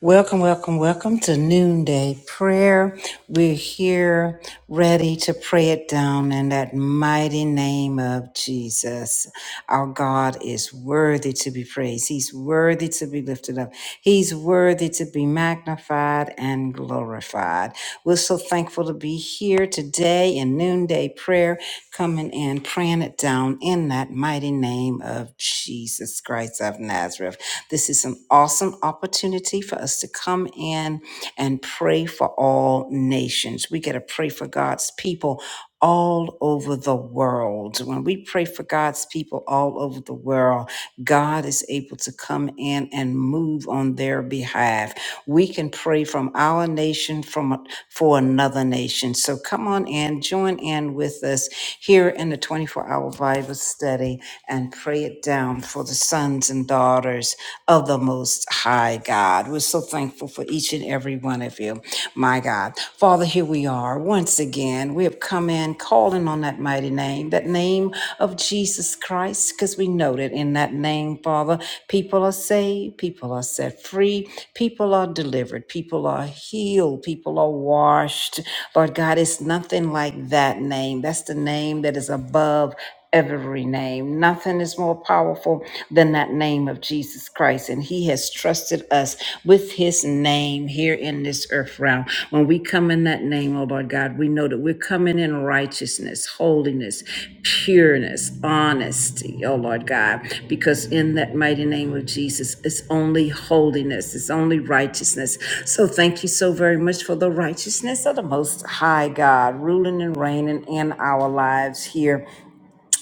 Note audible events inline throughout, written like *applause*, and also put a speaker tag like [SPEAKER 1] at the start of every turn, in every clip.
[SPEAKER 1] Welcome, welcome, welcome to Noonday Prayer. We're here ready to pray it down in that mighty name of Jesus. Our God is worthy to be praised. He's worthy to be lifted up. He's worthy to be magnified and glorified. We're so thankful to be here today in Noonday Prayer, coming in, praying it down in that mighty name of Jesus Christ of Nazareth. This is some is an awesome opportunity for us to come in and pray for all nations. We get to pray for God's people all over the world. When we pray for God's people all over the world, God is able to come in and move on their behalf. We can pray from our nation from for another nation. So come on in, join in with us here in the 24-hour Bible study and pray it down for the sons and daughters of the Most High God. We're so thankful for each and every one of you, my God. Father, here we are once again. We have come in calling on that mighty name, that name of Jesus Christ, because we know that in that name, Father, people are saved, people are set free, people are delivered, people are healed, people are washed. Lord God, it's nothing like that name. That's the name that is above every name. Nothing is more powerful than that name of Jesus Christ. And he has trusted us with his name here in this earth realm. When we come in that name, oh Lord God, we know that we're coming in righteousness, holiness, pureness, honesty, oh Lord God, because in that mighty name of Jesus, it's only holiness, it's only righteousness. So thank you so very much for the righteousness of the Most High God, ruling and reigning in our lives here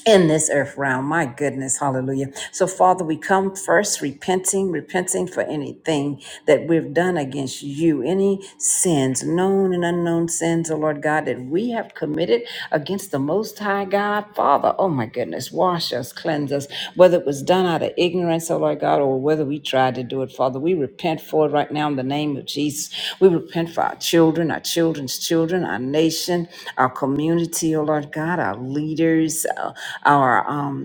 [SPEAKER 1] in this earth realm. My goodness, hallelujah. So, Father, we come first repenting, repenting for anything that we've done against you, any sins, known and unknown sins, oh Lord God, that we have committed against the Most High God, Father. Oh, my goodness us, wash us, cleanse us, whether it was done out of ignorance, oh Lord God, or whether we tried to do it, Father. We repent for it right now in the name of Jesus. We repent for our children, our children's children, our nation, our community, oh Lord God, our leaders, uh, our um,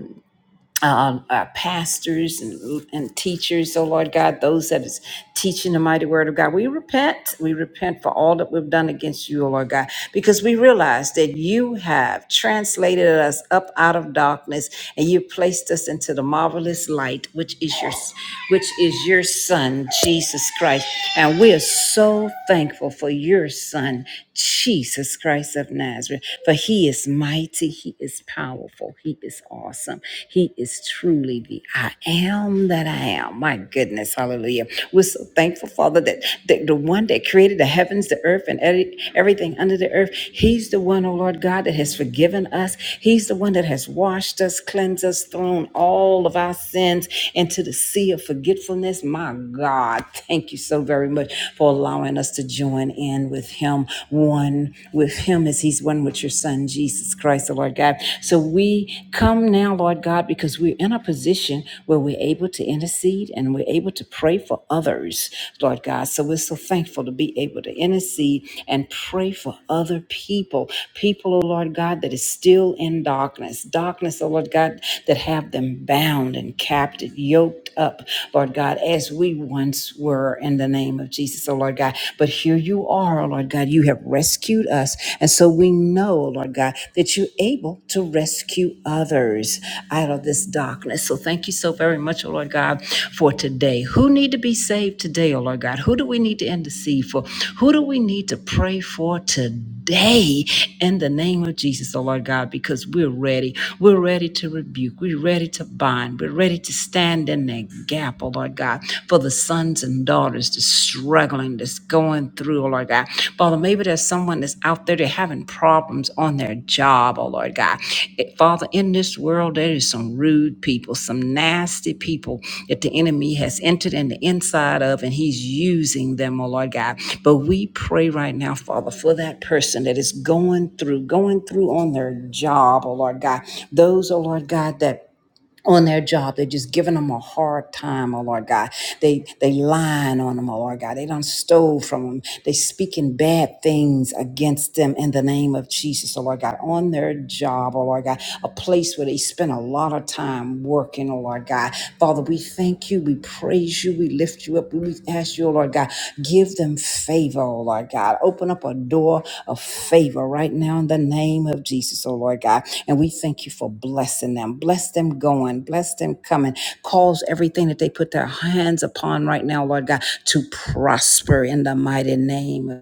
[SPEAKER 1] um, our pastors and, and teachers, oh Lord God, those that is teaching the mighty word of God. We repent. We repent for all that we've done against you, oh Lord God, because we realize that you have translated us up out of darkness and you placed us into the marvelous light, which is your which is your son, Jesus Christ. And we are so thankful for your son, Jesus Christ of Nazareth. For he is mighty, he is powerful, he is awesome, he is truly the I am that I am. My goodness, hallelujah. We're so thankful, Father, that, that the one that created the heavens, the earth, and every- everything under the earth, he's the one, oh Lord God, that has forgiven us. He's the one that has washed us, cleansed us, thrown all of our sins into the sea of forgetfulness. My God, thank you so very much for allowing allowing us to join in with Him, one with Him as He's one with your Son, Jesus Christ, the Lord God. So we come now, Lord God, because we're in a position where we're able to intercede and we're able to pray for others, Lord God. So we're so thankful to be able to intercede and pray for other people, people, oh Lord God, that is still in darkness, darkness, oh Lord God, that have them bound and captive, yoked up, Lord God, as we one once were in the name of Jesus, oh Lord God. But here you are, oh Lord God. You have rescued us. And so we know, oh Lord God, that you're able to rescue others out of this darkness. So thank you so very much, oh Lord God, for today. Who need to be saved today, oh Lord God? Who do we need to intercede for? Who do we need to pray for today? today in the name of Jesus, oh Lord God, because we're ready. We're ready to rebuke. We're ready to bind. We're ready to stand in that gap, oh Lord God, for the sons and daughters that's struggling, that's going through, oh Lord God. Father, maybe there's someone that's out there, they're having problems on their job, oh Lord Lord God. It- Father, in this world, there is some rude people, some nasty people that the enemy has entered in the inside of, and he's using them, oh Lord God. But we pray right now, Father, for that person that is going through, going through on their job, oh Lord God. Those, oh Lord God, that on their job. They're just giving them a hard time, oh Lord God. They they lying on them, oh Lord God. They done stole from them. They speaking bad things against them in the name of Jesus, oh Lord God. On their job, oh Lord God, a place where they spend a lot of time working, oh Lord God. Father, we thank you, we praise you, we lift lift you up. We ask you, oh Lord God, give them favor, oh Lord God. Open up a door of favor right now in the name of Jesus, oh Lord God. And we thank you for blessing them. Bless them going, bless them coming. Cause everything that they put their hands upon right now, Lord God, to prosper in the mighty name. of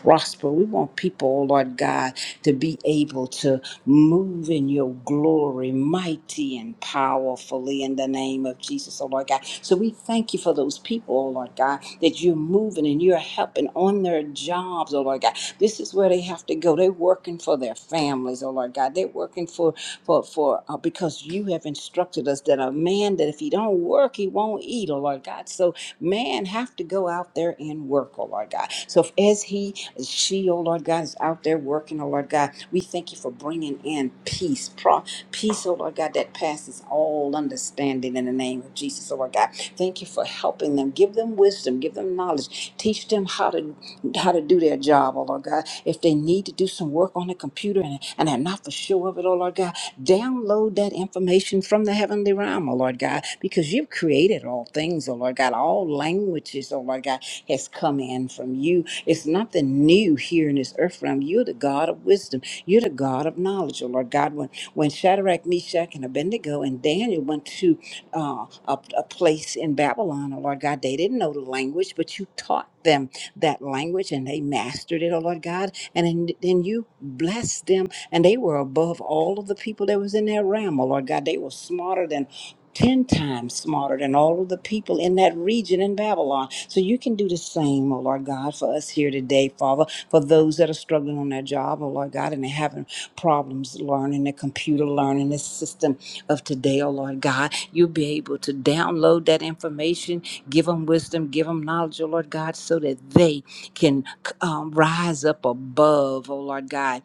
[SPEAKER 1] prosper. We want people, Lord God, to be able to move in your glory, mighty and powerfully in the name of Jesus, oh Lord God. So we thank you for those people, oh Lord God, that you're moving and you're helping on their jobs, oh Lord God. This is where they have to go. They're working for their families, oh Lord God. They're working for for for uh, because you have instructed us that a man that if he don't work, he won't eat, oh Lord God. So man have to go out there and work, oh Lord God. So if, as he, as she, oh Lord God, is out there working, oh Lord God, we thank you for bringing in peace, pro- peace, oh Lord God, that passes all understanding in the name of Jesus, oh Lord God. Thank you for helping them. Give them wisdom, give them knowledge, teach them how to how to do their job, oh Lord God. If they need to do some work on the computer and, and are not for sure of it, oh Lord God. Download that information from the heavenly realm, O Lord God, because you've created all things, O Lord God. All languages, O Lord God, has come in from you. It's nothing new here in this earth realm. You're the God of wisdom. You're the God of knowledge, O Lord God. When when Shadrach, Meshach, and Abednego and Daniel went to uh, a, a place in Babylon, O Lord God, they didn't know the language, but you taught them that language and they mastered it, O Lord God. And then, then you blessed them and they were above all of the people that was in that realm, oh Lord God. They were smarter than 10 times smarter than all of the people in that region in Babylon. So you can do the same, oh Lord God, for us here today, Father, for those that are struggling on their job, oh Lord God, and they're having problems learning the computer, learning the system of today, oh Lord God. You'll be able to download that information, give them wisdom, give them knowledge, oh Lord God, so that they can um, rise up above, oh Lord God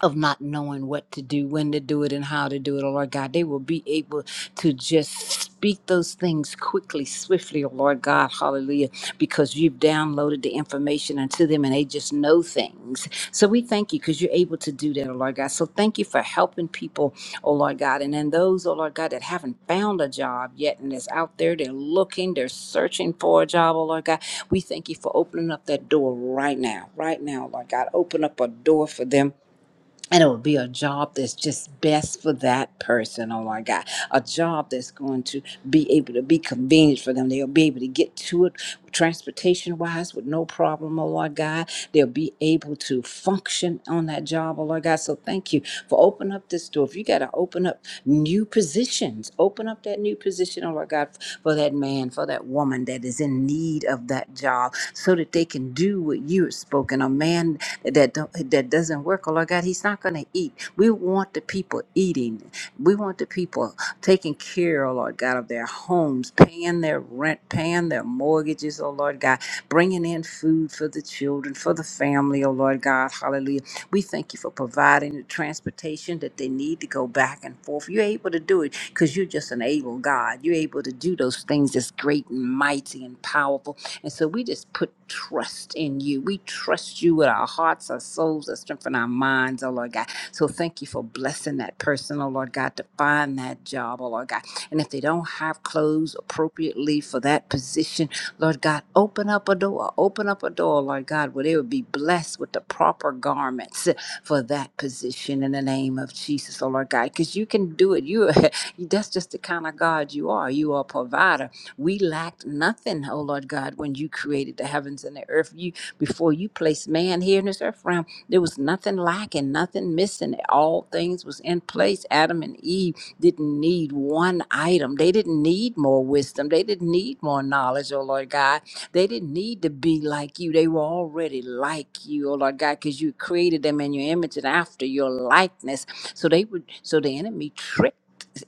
[SPEAKER 1] of not knowing what to do, when to do it, and how to do it, oh Lord God. They will be able to just speak those things quickly, swiftly, oh Lord God. Hallelujah. Because you've downloaded the information unto them and they just know things. So we thank you because you're able to do that, oh Lord God. So thank you for helping people, oh Lord God. And then those, oh Lord God, that haven't found a job yet and is out there, they're looking, they're searching for a job, oh Lord God. We thank you for opening up that door right now, right now, Lord God. Open up a door for them and it will be a job that's just best for that person. Oh my God, a job that's going to be able to be convenient for them. They'll be able to get to it transportation wise with no problem. Oh Lord God, they'll be able to function on that job. Oh Lord God, so thank you for opening up this door. If you got to open up new positions, open up that new position. Oh Lord God, for that man, for that woman that is in need of that job, so that they can do what you have spoken. A man that don't, that doesn't work, oh Lord God, he's not going to eat. We want the people eating. We want the people taking care, oh Lord God, of their homes, paying their rent, paying their mortgages, oh Lord God, bringing in food for the children, for the family, oh Lord God, hallelujah. We thank you for providing the transportation that they need to go back and forth. You're able to do it because you're just an able God. You're able to do those things that's great and mighty and powerful and so we just put trust in you. We trust you with our hearts, our souls, our strength, and our minds, oh Lord God. So thank you for blessing that person, oh Lord God, to find that job, oh Lord God. And if they don't have clothes appropriately for that position, Lord God, open up a door, open up a door, Lord God, where they would be blessed with the proper garments for that position in the name of Jesus, oh Lord God, because you can do it. You, *laughs* that's just the kind of God you are. You are a provider we lacked nothing, oh Lord God, when you created the heavens and the earth. You before you placed man here in this earth realm, there was nothing lacking, nothing missing. All things was in place. Adam and Eve didn't need one item. They didn't need more wisdom. They didn't need more knowledge, oh Lord God. They didn't need to be like you. They were already like you, oh Lord God, because you created them in your image and after your likeness. So they would so the enemy tricked.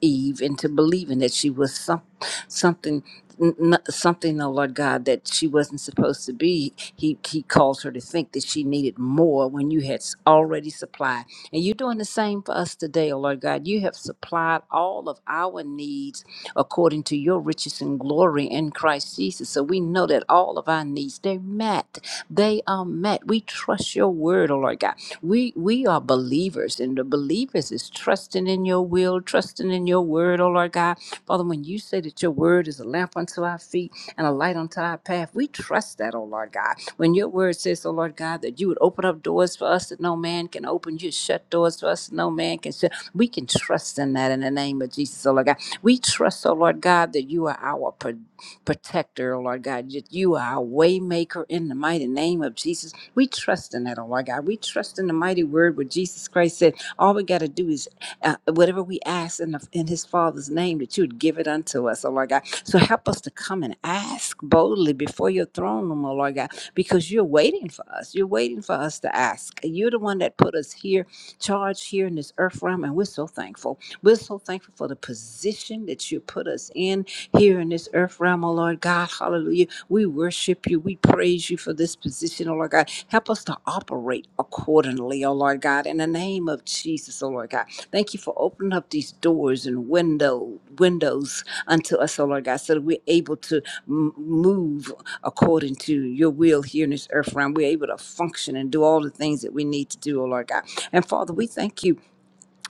[SPEAKER 1] Eve into believing that she was some, something n- n- something oh lord god that she wasn't supposed to be he he caused her to think that she needed more when you had s- already supplied and you're doing the same for us today oh lord god you have supplied all of our needs according to your riches and glory in christ jesus so we know that all of our needs they're met they are met we trust your word oh lord god we we are believers and the believers is trusting in your will trusting in your word oh lord god father when you say that your word is a lamp unto our feet and a light unto our path we trust that oh lord god when your word says oh lord god that you would open up doors for us that no man can open you shut doors for us that no man can shut we can trust in that in the name of jesus oh lord god we trust oh lord god that you are our pro- protector oh lord god that you are our waymaker in the mighty name of jesus we trust in that, oh my God. We trust in the mighty word where Jesus Christ said, All we got to do is uh, whatever we ask in, the, in his Father's name, that you would give it unto us, oh Lord God. So help us to come and ask boldly before your throne room, oh Lord God, because you're waiting for us. You're waiting for us to ask. You're the one that put us here, charged here in this earth realm, and we're so thankful. We're so thankful for the position that you put us in here in this earth realm, oh Lord God. Hallelujah. We worship you. We praise you for this position, oh Lord God. Help us to operate accordingly, oh Lord God, in the name of Jesus, oh Lord God. Thank you for opening up these doors and window windows unto us, oh Lord God, so that we're able to m- move according to your will here in this earth realm. We're able to function and do all the things that we need to do, oh Lord God. And Father, we thank you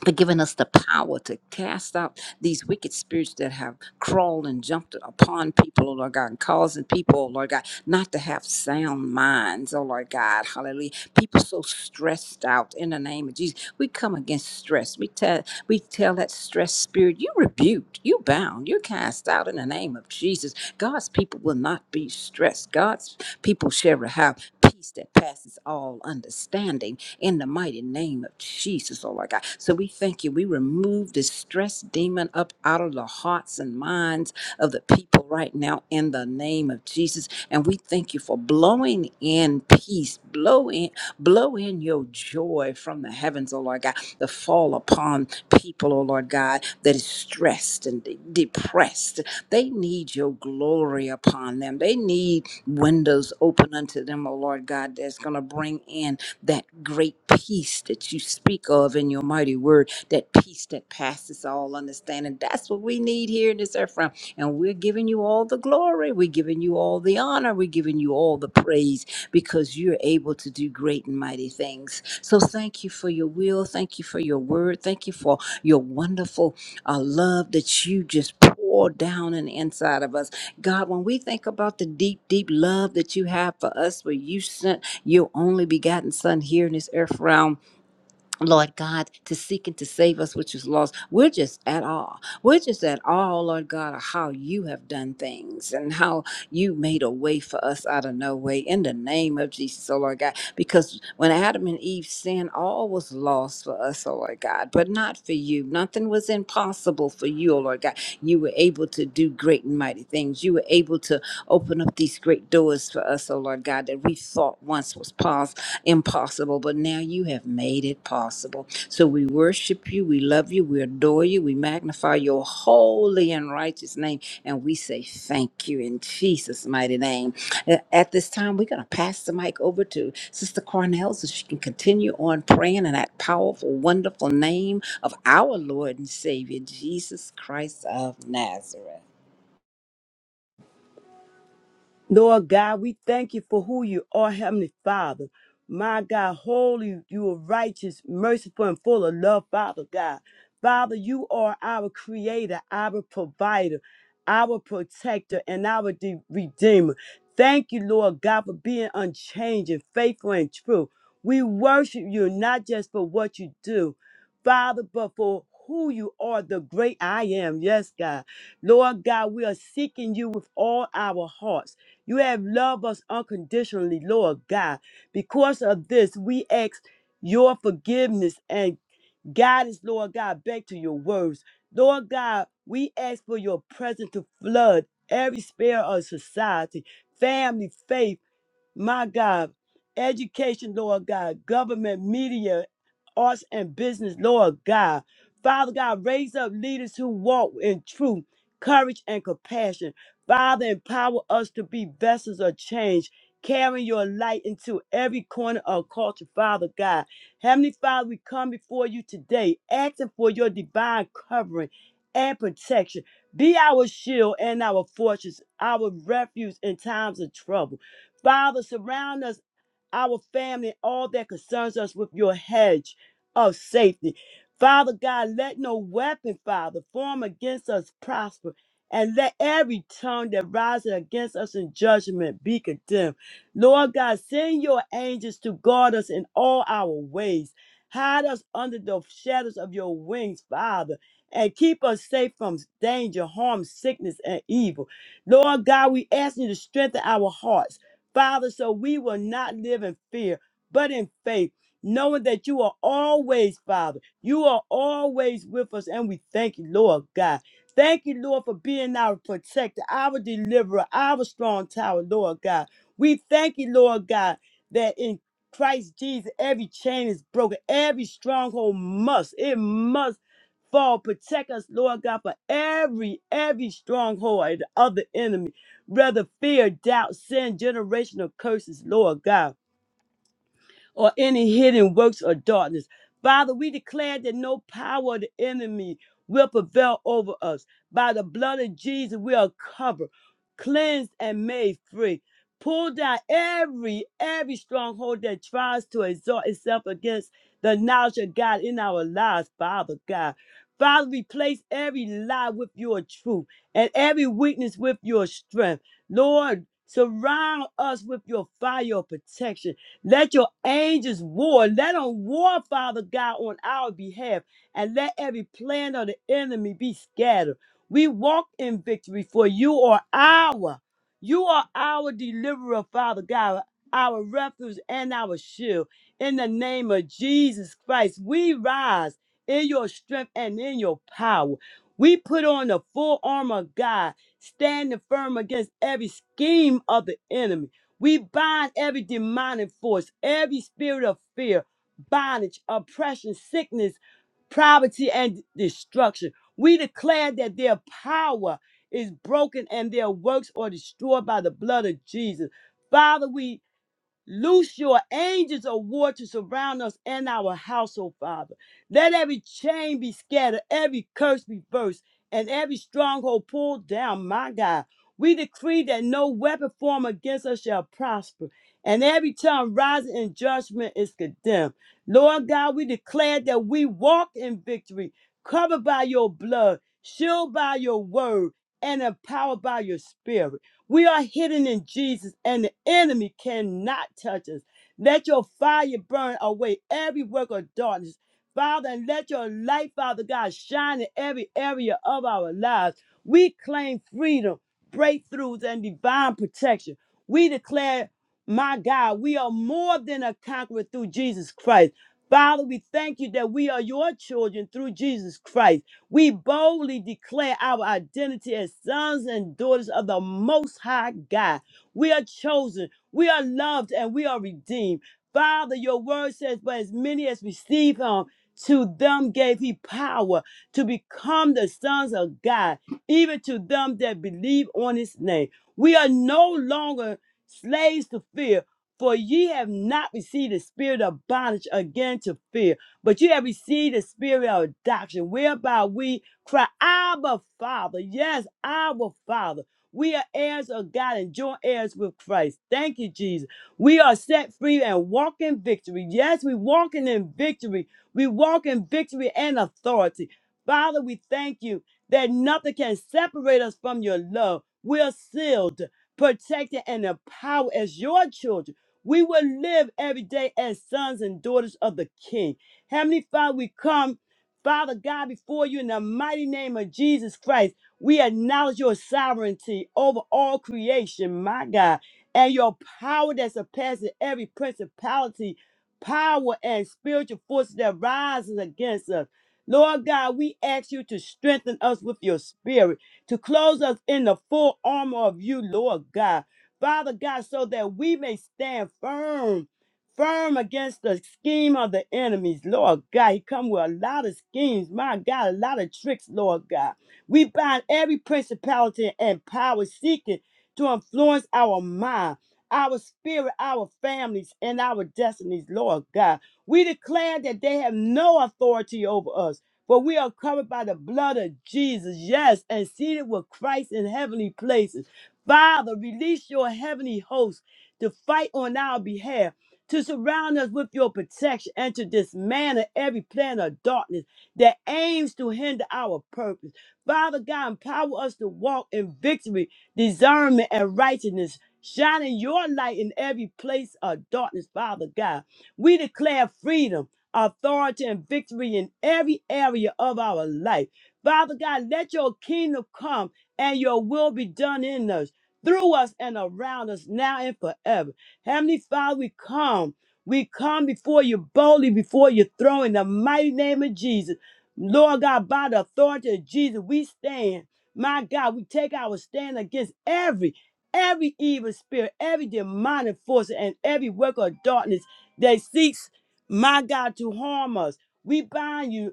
[SPEAKER 1] for giving us the power to cast out these wicked spirits that have crawled and jumped upon people, oh Lord God, and causing people, oh Lord God, not to have sound minds, oh Lord God, hallelujah. People so stressed out in the name of Jesus. We come against stress. We tell we tell that stress spirit, you rebuked, you bound, you're cast out in the name of Jesus. God's people will not be stressed. God's people shall have peace that passes all understanding in the mighty name of Jesus, oh Lord God. So we thank you. We remove this stress demon up out of the hearts and minds of the people right now in the name of Jesus. And we thank you for blowing in peace, blow in, blow in your joy from the heavens, oh Lord God, the fall upon people, oh Lord God, that is stressed and de- depressed. They need your glory upon them. They need windows open unto them, oh Lord God, that's going to bring in that great peace that you speak of in your mighty word, that peace that passes all understanding. That's what we need here in this earth realm. And we're giving you all the glory. We're giving you all the honor. We're giving you all the praise because you're able to do great and mighty things. So thank you for your will. Thank you for your word. Thank you for your wonderful uh, love that you just pour down and inside of us. God, when we think about the deep, deep love that you have for us, where you sent your only begotten Son here in this earth realm Lord God, to seek and to save us, which is lost. We're just at all. We're just at all, Lord God, of how you have done things and how you made a way for us out of no way in the name of Jesus, oh Lord God. Because when Adam and Eve sinned, all was lost for us, oh Lord God, but not for you. Nothing was impossible for you, oh Lord God. You were able to do great and mighty things. You were able to open up these great doors for us, oh Lord God, that we thought once was possible impossible, but now you have made it possible. So we worship you, we love you, we adore you, we magnify your holy and righteous name, and we say thank you in Jesus' mighty name. Uh, At this time, we're going to pass the mic over to Sister Cornell so she can continue on praying in that powerful, wonderful name of our Lord and Savior, Jesus Christ of Nazareth.
[SPEAKER 2] Lord God, we thank you for who you are, Heavenly Father. My God, holy, you are righteous, merciful, and full of love, Father God. Father, you are our creator, our provider, our protector, and our de- redeemer. Thank you, Lord God, for being unchanging, faithful, and true. We worship you not just for what you do, Father, but for who you are, the great I am. Yes, God. Lord God, we are seeking you with all our hearts. You have loved us unconditionally, Lord God. Because of this, we ask your forgiveness and guidance, Lord God, back to your words. Lord God, we ask for your presence to flood every sphere of society, family, faith my God, education, Lord God, government, media, arts, and business, Lord God. Father God, raise up leaders who walk in truth, courage, and compassion. Father, empower us to be vessels of change, carrying your light into every corner of culture, Father God. Heavenly Father, we come before you today, asking for your divine covering and protection. Be our shield and our fortress, our refuge in times of trouble. Father, surround us, our family, and all that concerns us with your hedge of safety. Father God, let no weapon, Father, form against us prosper, and let every tongue that rises against us in judgment be condemned. Lord God, send your angels to guard us in all our ways. Hide us under the shadows of your wings, Father, and keep us safe from danger, harm, sickness, and evil. Lord God, we ask you to strengthen our hearts Father, so we will not live in fear, but in faith, knowing that you are always, Father, you are always with us, and we thank you, Lord God. Thank you, Lord, for being our protector, our deliverer, our strong tower, Lord God. We thank you, Lord God, that in Christ Jesus, every chain is broken, every stronghold must, it must fall. Protect us, Lord God, for every, every stronghold of the enemy. Rather, fear, doubt, sin, generational curses, Lord God or any hidden works of darkness. Father, we declare that no power of the enemy will prevail over us. By the blood of Jesus, we are covered, cleansed, and made free. Pull down every every stronghold that tries to exalt itself against the knowledge of God in our lives, Father God. Father, replace every lie with your truth and every weakness with your strength. Lord, surround us with your fire of protection let your angels war. Let them war, Father God, on our behalf. And let every plan of the enemy be scattered. We walk in victory, for you are our. You are our deliverer, Father God, our refuge and our shield. In the name of Jesus Christ, we rise in your strength and in your power. We put on the full armor of God, standing firm against every scheme of the enemy. We bind every demonic force, every spirit of fear, bondage, oppression, sickness, poverty, and destruction. We declare that their power is broken and their works are destroyed by the blood of Jesus. Father, we Loose your angels of war to surround us and our household, Father. Let every chain be scattered, every curse be burst, and every stronghold pulled down, my God. We decree that no weapon formed against us shall prosper, and every tongue rising in judgment is condemned. Lord God, we declare that we walk in victory, covered by your blood, shielded by your word, and empowered by your spirit. We are hidden in Jesus, and the enemy cannot touch us. Let your fire burn away every work of darkness, Father, and let your light, Father God, shine in every area of our lives. We claim freedom, breakthroughs, and divine protection. We declare, my God, we are more than a conqueror through Jesus Christ. Father, we thank you that we are your children through Jesus Christ. We boldly declare our identity as sons and daughters of the Most High God. We are chosen, we are loved, and we are redeemed. Father, your word says, But as many as receive him, to them gave he power to become the sons of God, even to them that believe on his name. We are no longer slaves to fear, for ye have not received the spirit of bondage again to fear but you have received the spirit of adoption, whereby we cry, Abba, Father. Yes, Abba, Father. We are heirs of God and joint heirs with Christ. Thank you, Jesus. We are set free and walk in victory. Yes, we walking in victory. We walk in victory and authority. Father, we thank you that nothing can separate us from your love. We are sealed, protected, and empowered as your children. We will live every day as sons and daughters of the King. Heavenly Father, we come, Father God, before you in the mighty name of Jesus Christ. We acknowledge your sovereignty over all creation, my God, and your power that surpasses every principality, power, and spiritual forces that rises against us. Lord God, we ask you to strengthen us with your spirit, to close us in the full armor of you, Lord God. Father God, so that we may stand firm firm against the scheme of the enemies, Lord God. He come with a lot of schemes, my God, a lot of tricks, Lord God. We bind every principality and power seeking to influence our mind, our spirit, our families, and our destinies, Lord God. We declare that they have no authority over us. For we are covered by the blood of Jesus, yes, and seated with Christ in heavenly places. Father, release your heavenly host to fight on our behalf to surround us with your protection and to dismantle every plan of darkness that aims to hinder our purpose. Father God, empower us to walk in victory, discernment, and righteousness, shining your light in every place of darkness, Father God. We declare freedom, authority, and victory in every area of our life. Father God, let your kingdom come and your will be done in us, through us, and around us now and forever. Heavenly Father, we come. We come before you boldly, before your throne in the mighty name of Jesus. Lord God, by the authority of Jesus, we stand. My God, we take our stand against every, every evil spirit, every demonic force, and every work of darkness that seeks, my God, to harm us. We bind you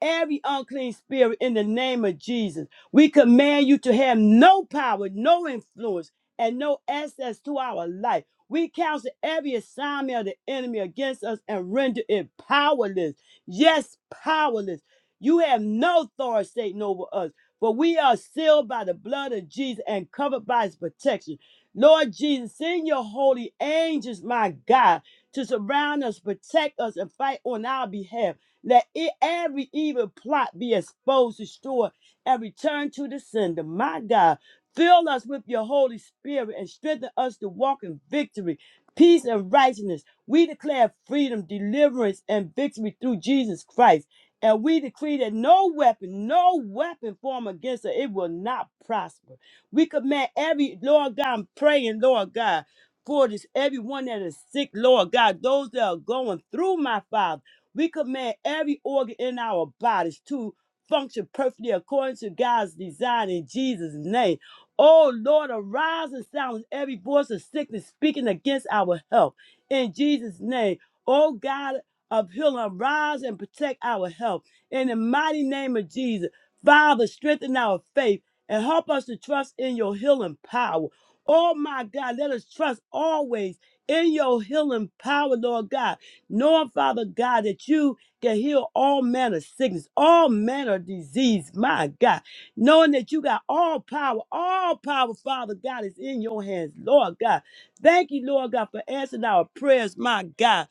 [SPEAKER 2] every unclean spirit in the name of Jesus. We command you to have no power, no influence, and no access to our life. We counsel every assignment of the enemy against us and render it powerless. Yes, powerless. You have no authority, Satan, over us, for we are sealed by the blood of Jesus and covered by his protection. Lord Jesus, send your holy angels, my God, to surround us, protect us, and fight on our behalf. Let it, every evil plot be exposed, destroyed, and returned to the sender. My God, fill us with your Holy Spirit and strengthen us to walk in victory, peace, and righteousness. We declare freedom, deliverance, and victory through Jesus Christ. And we decree that no weapon, no weapon formed against us, it will not prosper. We command every, Lord God, I'm praying, Lord God, for this, everyone that is sick, Lord God, those that are going through, my Father. We command every organ in our bodies to function perfectly according to God's design in Jesus' name. Oh Lord, arise and silence every voice of sickness speaking against our health in Jesus' name. Oh God of healing, arise and protect our health in the mighty name of Jesus. Father, strengthen our faith and help us to trust in your healing power. Oh my God, let us trust always in your healing power, Lord God knowing, Father God, that you can heal all manner of sickness, all manner of disease, my God, knowing that you got all power, all power, Father God, is in your hands, Lord God. Thank you, Lord God, for answering our prayers, my God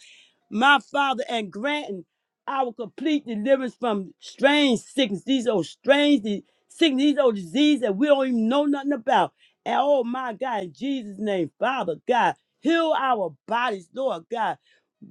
[SPEAKER 2] my Father, and granting our complete deliverance from strange sickness. These old strange di- sickness, these old diseases that we don't even know nothing about. And oh my God, in Jesus' name, Father God, heal our bodies, Lord God.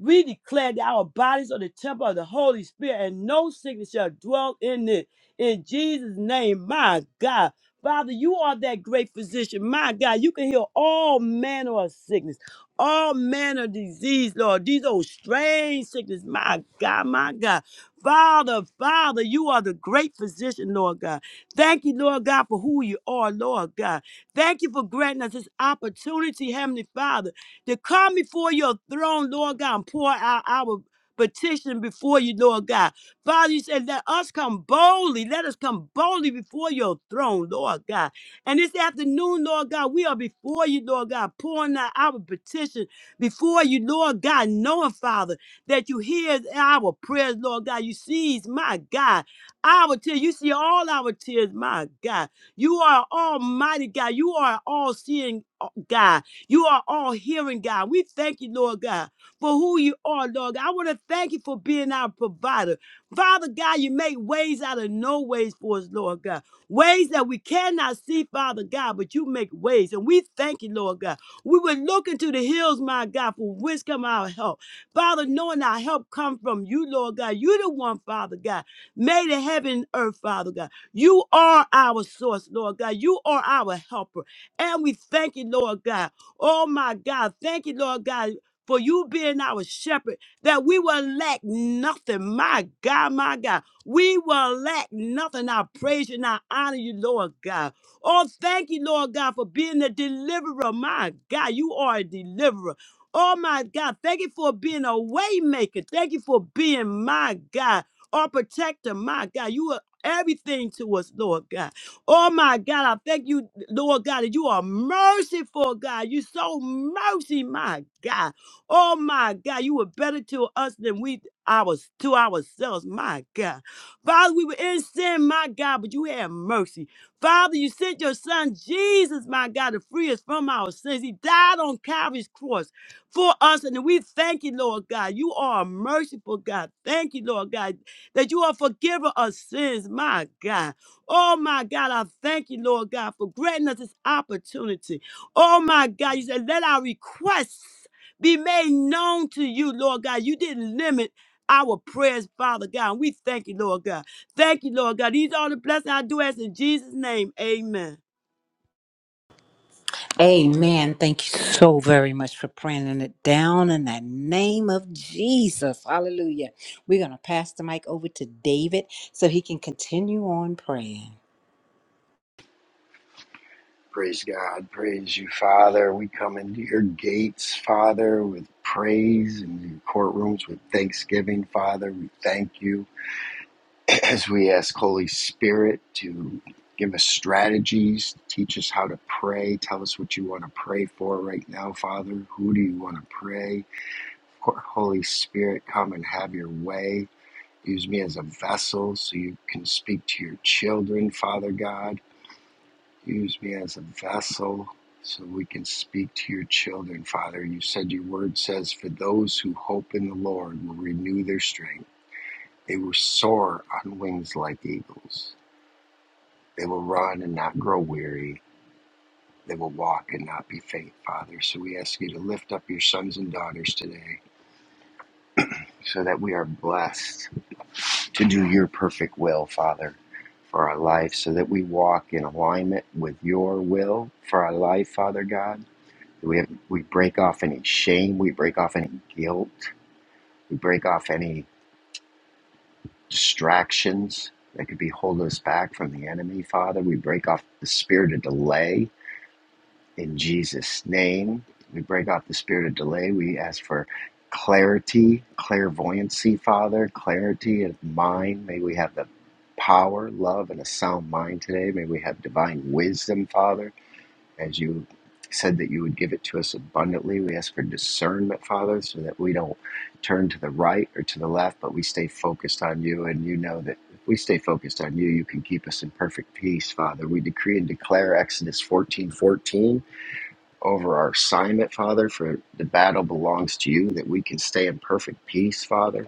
[SPEAKER 2] We declare that our bodies are the temple of the Holy Spirit, and no sickness shall dwell in it. In Jesus' name, my God. Father, you are that great physician. My God, you can heal all manner of sickness all manner of disease, Lord. These old strange sickness, my God, my God. Father, Father, you are the great physician, Lord God. Thank you, Lord God, for who you are, Lord God. Thank you for granting us this opportunity, Heavenly Father, to come before your throne, Lord God, and pour out our petition before you, Lord God. Father, you said, let us come boldly. Let us come boldly before your throne, Lord God. And this afternoon, Lord God, we are before you, Lord God, pouring out our petition before you, Lord God, knowing, Father, that you hear our prayers, Lord God. You sees, my God, our tears. You see all our tears, my God. You are almighty God. You are all seeing uh, God. You are all hearing God. We thank you, Lord God, for who you are, Lord God. I want to thank you for being our provider. Father God, you make ways out of no ways for us, Lord God ways that we cannot see, Father God, but you make ways. And we thank you, Lord God. We will look into the hills, my God, for which come our help. Father, knowing our help come from you, Lord God. You're the one, Father God, made in heaven and earth, Father God. You are our source, Lord God. You are our helper. And we thank you, Lord God. Oh, my God. Thank you, Lord God. For you being our shepherd, that we will lack nothing. My God, my God. We will lack nothing. I praise you and I honor you, Lord God. Oh, thank you, Lord God, for being a deliverer. My God, you are a deliverer. Oh, my God, thank you for being a waymaker. Thank you for being, my God, our protector. My God, you are everything to us, Lord God. Oh, my God, I thank you, Lord God, that you are merciful, God. You so mercy, my God. Oh, my God, you were better to us than we ours to ourselves, my God. Father, we were in sin, my God, but you had mercy. Father, you sent your son Jesus, my God, to free us from our sins. He died on Calvary's cross for us, and we thank you, Lord God. You are a merciful God. Thank you, Lord God, that you are forgiver of sins, my God. Oh, my God, I thank you, Lord God, for granting us this opportunity. Oh, my God, you said, let our requests be made known to you, Lord God. You didn't limit our prayers, Father God. And we thank you, Lord God. Thank you, Lord God. These are the blessings I do ask in Jesus' name. Amen.
[SPEAKER 1] Amen. Thank you so very much for praying it down in the name of Jesus. Hallelujah. We're going to pass the mic over to David so he can continue on praying.
[SPEAKER 3] Praise God. Praise you, Father. We come into your gates, Father, with praise and your courtrooms with thanksgiving, Father. We thank you *clears throat* as we ask Holy Spirit to give us strategies, teach us how to pray, tell us what you want to pray for right now, Father. Who do you want to pray? Holy Spirit, come and have your way. Use me as a vessel so you can speak to your children, Father God. Use me as a vessel so we can speak to your children, Father. You said your word says, For those who hope in the Lord will renew their strength. They will soar on wings like eagles. They will run and not grow weary. They will walk and not be faint, Father. So we ask you to lift up your sons and daughters today so that we are blessed to do your perfect will, Father, for our life, so that we walk in alignment with your will for our life, Father God We have, we break off any shame, we break off any guilt, we break off any distractions that could be holding us back from the enemy, Father. We break off the spirit of delay in Jesus' name. We break off the spirit of delay. We ask for clarity, clairvoyancy, Father, clarity of mind. May we have the power, love, and a sound mind today. May we have divine wisdom, Father. As you said that you would give it to us abundantly, we ask for discernment, Father, so that we don't turn to the right or to the left, but we stay focused on you. And you know that if we stay focused on you, you can keep us in perfect peace, Father. We decree and declare Exodus fourteen fourteen over our assignment, Father, for the battle belongs to you, that we can stay in perfect peace, Father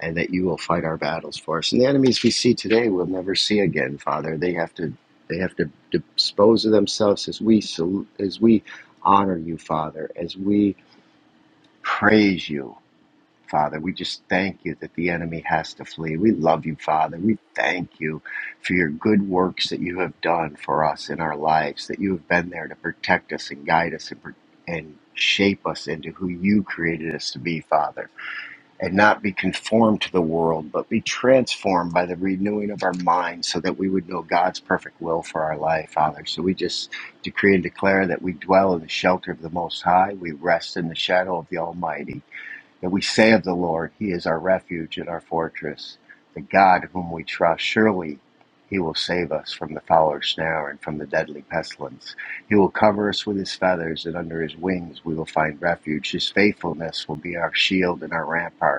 [SPEAKER 3] and that you will fight our battles for us. And the enemies we see today we'll never see again, Father. They have to they have to dispose of themselves as we sal- as we honor you, Father, as we praise you, Father. We just thank you that the enemy has to flee. We love you, Father. We thank you for your good works that you have done for us in our lives, that you have been there to protect us and guide us and and shape us into who you created us to be, Father and not be conformed to the world, but be transformed by the renewing of our mind so that we would know God's perfect will for our life, Father. So we just decree and declare that we dwell in the shelter of the Most High, we rest in the shadow of the Almighty, that we say of the Lord, He is our refuge and our fortress, the God whom we trust. Surely he will save us from the fowler's snare and from the deadly pestilence. He will cover us with his feathers, and under his wings we will find refuge. His faithfulness will be our shield and our rampart.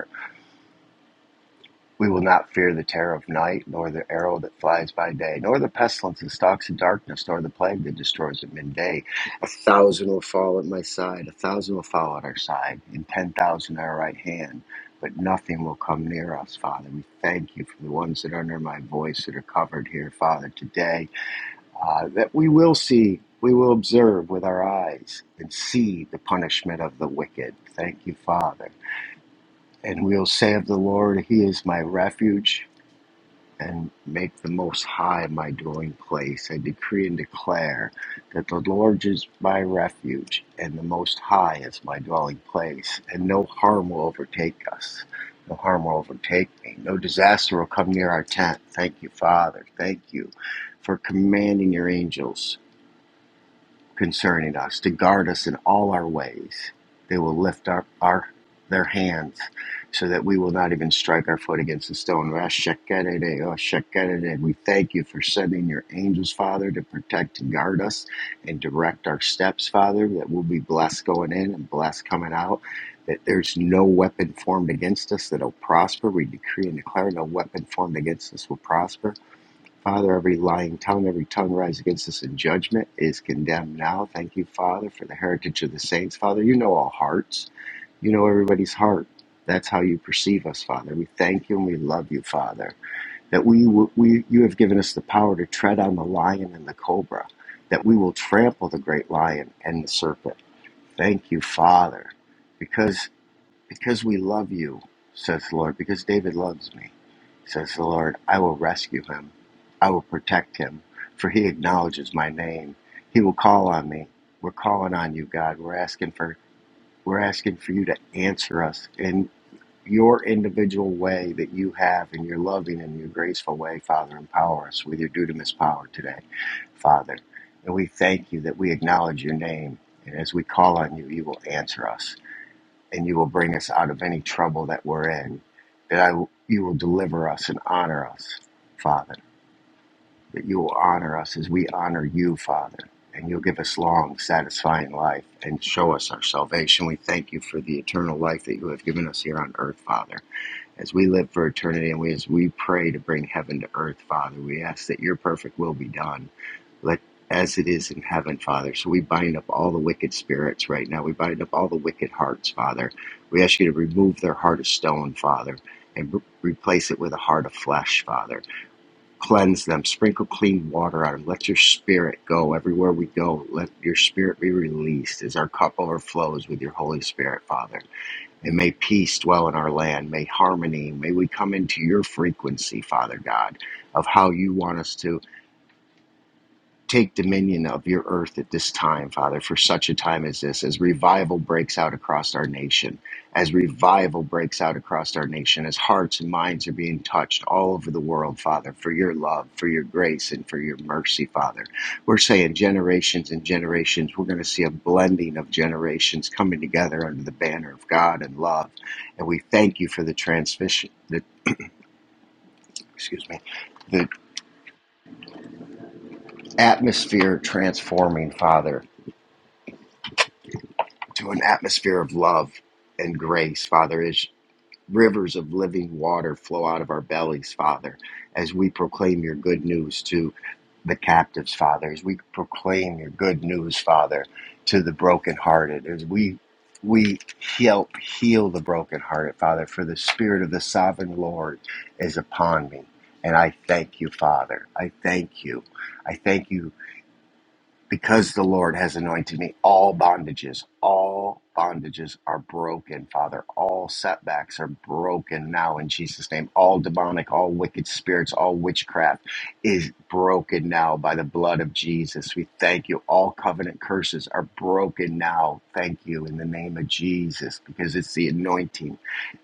[SPEAKER 3] We will not fear the terror of night, nor the arrow that flies by day, nor the pestilence that stalks in darkness, nor the plague that destroys at midday. A thousand will fall at my side, a thousand will fall at our side, and ten thousand at our right hand, but nothing will come near us, Father. We thank you for the ones that are under my voice that are covered here, Father, today, uh, that we will see, we will observe with our eyes and see the punishment of the wicked. Thank you, Father. And we'll say of the Lord, He is my refuge and make the Most High my dwelling place. I decree and declare that the Lord is my refuge, and the Most High is my dwelling place, and no harm will overtake us. No harm will overtake me. No disaster will come near our tent. Thank you, Father. Thank you for commanding your angels concerning us, to guard us in all our ways. They will lift up our their hands so that we will not even strike our foot against a stone. We thank you for sending your angels, Father, to protect and guard us and direct our steps, Father, that we'll be blessed going in and blessed coming out. That there's no weapon formed against us that'll prosper. We decree and declare no weapon formed against us will prosper Father, every lying tongue, every tongue rise against us in judgment is condemned now. Thank you, Father, for the heritage of the saints. Father, you know all hearts. You know everybody's heart. That's how you perceive us, Father. We thank you and we love you, Father, that we, we you have given us the power to tread on the lion and the cobra, that we will trample the great lion and the serpent. Thank you, Father, because because we love you, says the Lord, because David loves me, says the Lord, I will rescue him. I will protect him, for he acknowledges my name. He will call on me. We're calling on you, God. We're asking for we're asking for you to answer us in your individual way that you have in your loving and your graceful way, Father. Empower us with your dudamus power today, Father. And we thank you that we acknowledge your name. And as we call on you, you will answer us and you will bring us out of any trouble that we're in. That I, you will deliver us and honor us, Father. That you will honor us as we honor you, Father. And you'll give us long, satisfying life and show us our salvation. We thank you for the eternal life that you have given us here on earth, Father. As we live for eternity and we, as we pray to bring heaven to earth, Father, we ask that your perfect will be done like as it is in heaven, Father. So we bind up all the wicked spirits right now. We bind up all the wicked hearts, Father. We ask you to remove their heart of stone, Father, and re- replace it with a heart of flesh, Father. Cleanse them, sprinkle clean water on them. Let your spirit go everywhere we go. Let your spirit be released as our cup overflows with your Holy Spirit, Father. And may peace dwell in our land. May harmony, may we come into your frequency, Father God, of how you want us to take dominion of your earth at this time, Father, for such a time as this, as revival breaks out across our nation, as revival breaks out across our nation, as hearts and minds are being touched all over the world, Father, for your love, for your grace, and for your mercy, Father. We're saying generations and generations, we're going to see a blending of generations coming together under the banner of God and love. And we thank you for the transmission, the, excuse me, the atmosphere transforming, Father to an atmosphere of love and grace, Father, as rivers of living water flow out of our bellies, Father, as we proclaim your good news to the captives, Father, as we proclaim your good news, Father, to the brokenhearted, as we we help heal the brokenhearted, Father, for the Spirit of the Sovereign Lord is upon me. And I thank you, Father. I thank you. I thank you because the Lord has anointed me, all bondages, all bondages are broken, Father. All setbacks are broken now in Jesus' name. All demonic, all wicked spirits, all witchcraft is broken now by the blood of Jesus. We thank you. All covenant curses are broken now. Thank you in the name of Jesus because it's the anointing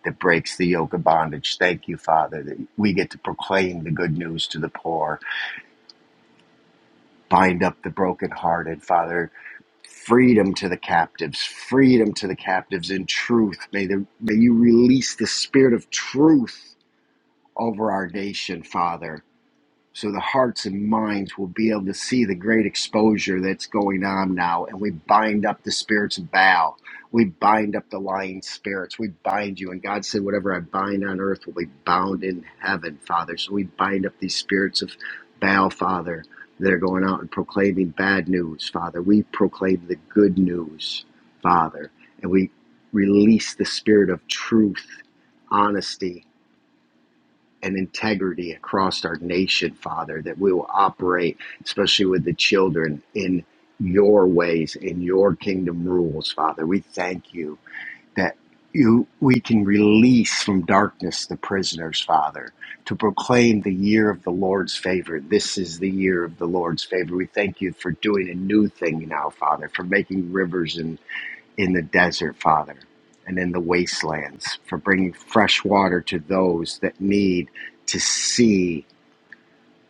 [SPEAKER 3] that breaks the yoke of bondage. Thank you, Father, that we get to proclaim the good news to the poor bind up the brokenhearted, Father. Freedom to the captives, freedom to the captives in truth. May, the, may you release the spirit of truth over our nation, Father so the hearts and minds will be able to see the great exposure that's going on now. And we bind up the spirits of Baal. We bind up the lying spirits. We bind you. And God said, Whatever I bind on earth will be bound in heaven, Father. So we bind up these spirits of Baal, Father, that are going out and proclaiming bad news, Father. We proclaim the good news, Father. And we release the spirit of truth, honesty, and integrity across our nation, Father, that we will operate, especially with the children, in your ways, in your kingdom rules, Father. We thank you that you we can release from darkness the prisoners, Father, to proclaim the year of the Lord's favor. This is the year of the Lord's favor. We thank you for doing a new thing now, Father, for making rivers and in the desert, Father, and in the wastelands, for bringing fresh water to those that need to see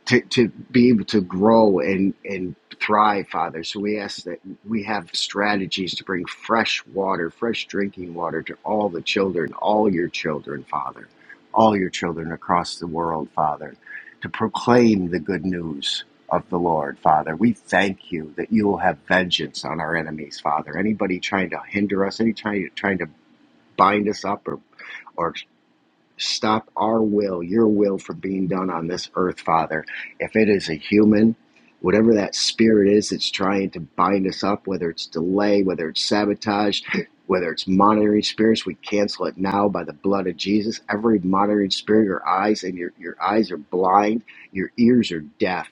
[SPEAKER 3] to, to be able to grow and, and thrive, Father. So we ask that we have strategies to bring fresh water, fresh drinking water to all the children, all your children, Father, all your children across the world, Father, to proclaim the good news of the Lord, Father. We thank you that you will have vengeance on our enemies, Father. Anybody trying to hinder us, anybody trying, to, trying to bind us up or or, Stop our will, your will, from being done on this earth, Father. If it is a human, whatever that spirit is that's trying to bind us up, whether it's delay, whether it's sabotage, *laughs* whether it's monitoring spirits, we cancel it now by the blood of Jesus. Every monitoring spirit, your eyes and your, your eyes are blind, your ears are deaf.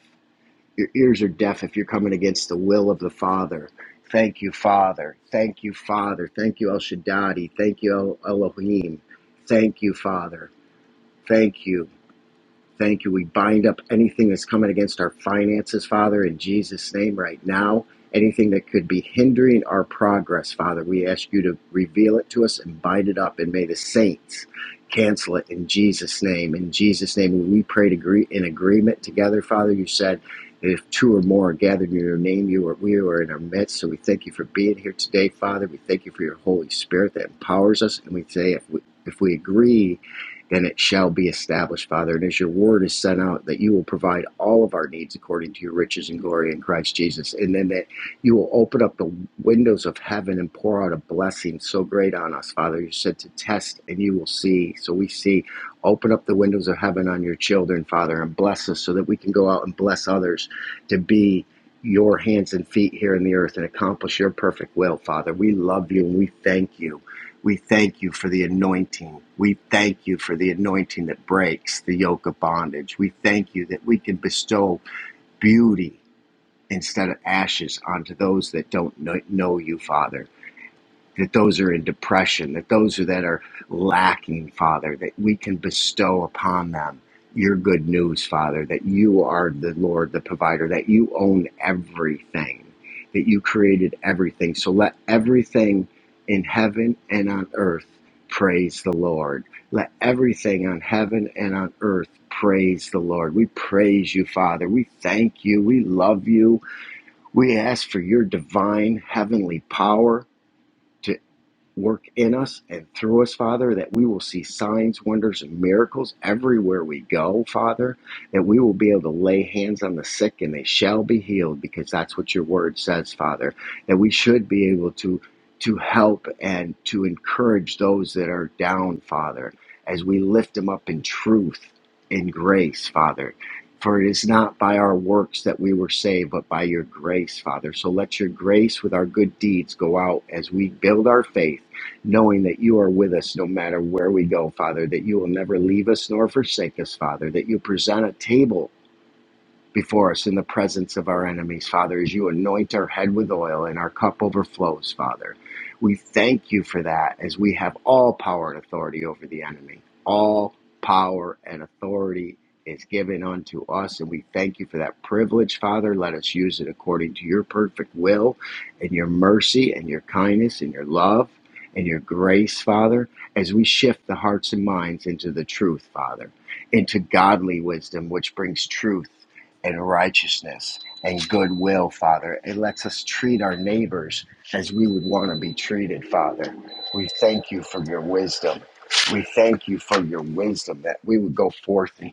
[SPEAKER 3] Your ears are deaf if you're coming against the will of the Father. Thank you, Father. Thank you, Father. Thank you, El Shaddadi. Thank you, El Elohim. Thank you, Father. Thank you. Thank you. We bind up anything that's coming against our finances, Father, in Jesus' name right now. Anything that could be hindering our progress, Father, we ask you to reveal it to us and bind it up. And may the saints cancel it in Jesus' name. In Jesus' name, we pray. agree, in agreement together, Father. You said, that if two or more are gathered in your name, you are, we are in our midst. So we thank you for being here today, Father. We thank you for your Holy Spirit that empowers us. And we say, if we, if we agree, then it shall be established, Father. And as your word is sent out, that you will provide all of our needs according to your riches and glory in Christ Jesus. And then that you will open up the windows of heaven and pour out a blessing so great on us, Father. You said to test and you will see. So we see. Open up the windows of heaven on your children, Father, and bless us so that we can go out and bless others to be your hands and feet here in the earth and accomplish your perfect will, Father. We love you and we thank you we thank you for the anointing. We thank you for the anointing that breaks the yoke of bondage. We thank you that we can bestow beauty instead of ashes onto those that don't know you, Father that those are in depression, that those are that are lacking, Father, that we can bestow upon them your good news, Father, that you are the Lord, the provider, that you own everything, that you created everything. So let everything in heaven and on earth praise the Lord. Let everything on heaven and on earth praise the Lord. We praise you, Father. We thank you. We love you. We ask for your divine heavenly power to work in us and through us, Father, that we will see signs, wonders, and miracles everywhere we go, Father, that we will be able to lay hands on the sick and they shall be healed because that's what your word says, Father, that we should be able to to help and to encourage those that are down, Father, as we lift them up in truth, in grace, Father. For it is not by our works that we were saved, but by your grace, Father. So let your grace with our good deeds go out as we build our faith knowing that you are with us no matter where we go, Father, that you will never leave us nor forsake us, Father, that you present a table before us in the presence of our enemies, Father, as you anoint our head with oil and our cup overflows, Father. We thank you for that as we have all power and authority over the enemy. All power and authority is given unto us, and we thank you for that privilege, Father. Let us use it according to your perfect will and your mercy and your kindness and your love and your grace, Father, as we shift the hearts and minds into the truth, Father, into godly wisdom, which brings truth and righteousness and goodwill, Father. It lets us treat our neighbors as we would want to be treated, Father. We thank you for your wisdom. We thank you for your wisdom that we would go forth in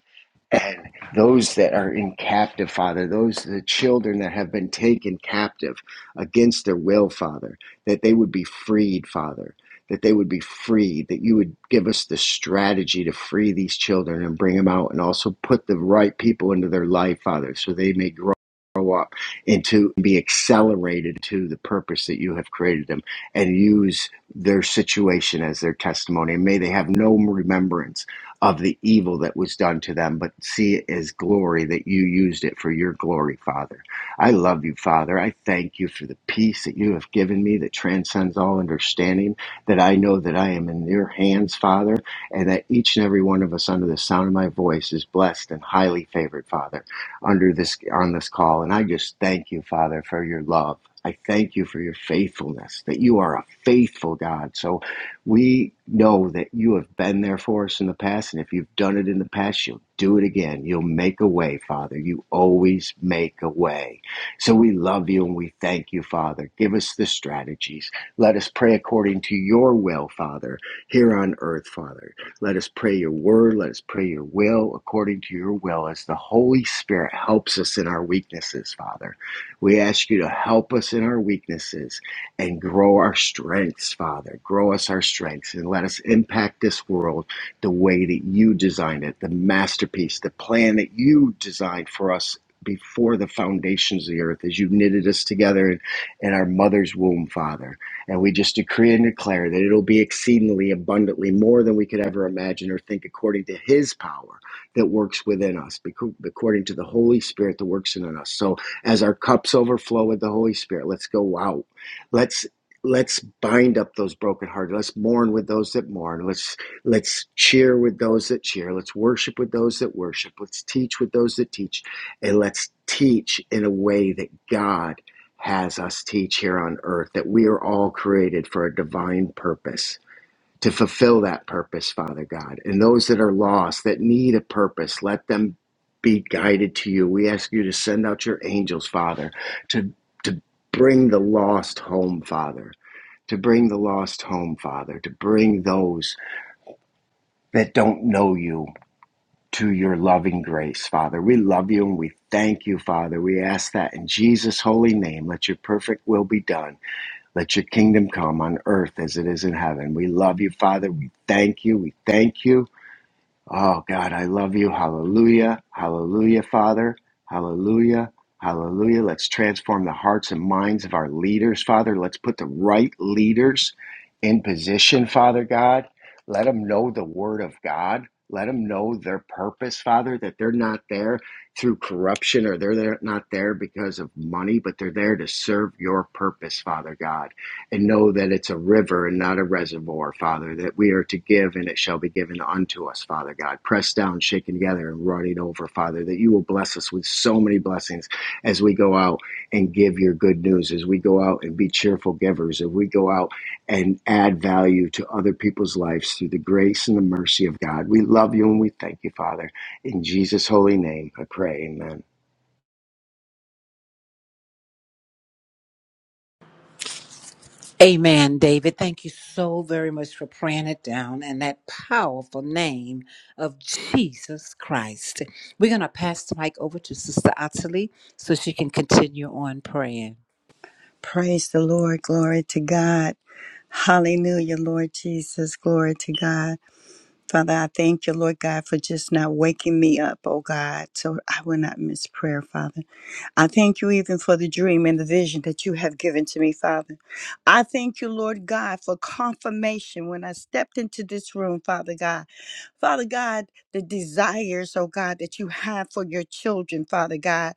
[SPEAKER 3] and those that are in captive, Father, those the children that have been taken captive against their will, Father, that they would be freed, Father, that they would be freed, that you would give us the strategy to free these children and bring them out, and also put the right people into their life, Father, so they may grow. Up and to be accelerated to the purpose that you have created them and use their situation as their testimony. And may they have no remembrance of the evil that was done to them, but see it as glory that you used it for your glory, Father. I love you, Father. I thank you for the peace that you have given me that transcends all understanding, that I know that I am in your hands, Father, and that each and every one of us under the sound of my voice is blessed and highly favored, Father, under this on this call. And I just thank you, Father, for your love. I thank you for your faithfulness, that you are a faithful God. So we know that you have been there for us in the past, and if you've done it in the past, you'll do it again. You'll make a way, Father. You always make a way. So we love you and we thank you, Father. Give us the strategies. Let us pray according to your will, Father, here on earth, Father. Let us pray your word. Let us pray your will according to your will as the Holy Spirit helps us in our weaknesses, Father. We ask you to help us in our weaknesses and grow our strengths, Father. Grow us our strengths and let us impact this world the way that you designed it, the masterpiece, the plan that you designed for us before the foundations of the earth as you knitted us together in, in our mother's womb, Father. And we just decree and declare that it'll be exceedingly abundantly more than we could ever imagine or think according to his power that works within us, becau- according to the Holy Spirit that works in us. So as our cups overflow with the Holy Spirit, let's go out Let's let's bind up those brokenhearted. Let's mourn with those that mourn. Let's let's cheer with those that cheer. Let's worship with those that worship. Let's teach with those that teach, and let's teach in a way that God has us teach here on earth. That we are all created for a divine purpose to fulfill that purpose, Father God. And those that are lost, that need a purpose, let them be guided to you. We ask you to send out your angels, Father, to, to bring the lost home, Father, to bring the lost home, Father, to bring those that don't know you to your loving grace, Father. We love you and we thank you, Father. We ask that in Jesus' holy name, let your perfect will be done. Let your kingdom come on earth as it is in heaven. We love you, Father. We thank you. We thank you. Oh God, I love you. Hallelujah. Hallelujah, Father. Hallelujah. Hallelujah. Let's transform the hearts and minds of our leaders, Father. Let's put the right leaders in position, Father God. Let them know the word of God. Let them know their purpose, Father, that they're not there through corruption or they're not there because of money, but they're there to serve your purpose, Father God and know that it's a river and not a reservoir, Father, that we are to give and it shall be given unto us, Father God. Pressed down, shaken together, and running over, Father, that you will bless us with so many blessings as we go out and give your good news, as we go out and be cheerful givers, as we go out and add value to other people's lives through the grace and the mercy of God. We love you and we thank you, Father. In Jesus' holy name, I pray. Amen.
[SPEAKER 1] Amen, David. Thank you so very much for praying it down in that powerful name of Jesus Christ. We're going to pass the mic over to Sister Ottilie so she can continue on praying.
[SPEAKER 4] Praise the Lord. Glory to God. Hallelujah, Lord Jesus. Glory to God. Father, I thank you, Lord God, for just not waking me up, oh God, so I will not miss prayer, Father. I thank you even for the dream and the vision that you have given to me, Father. I thank you, Lord God, for confirmation when I stepped into this room, Father God. Father God, the desires, oh God, that you have for your children, Father God.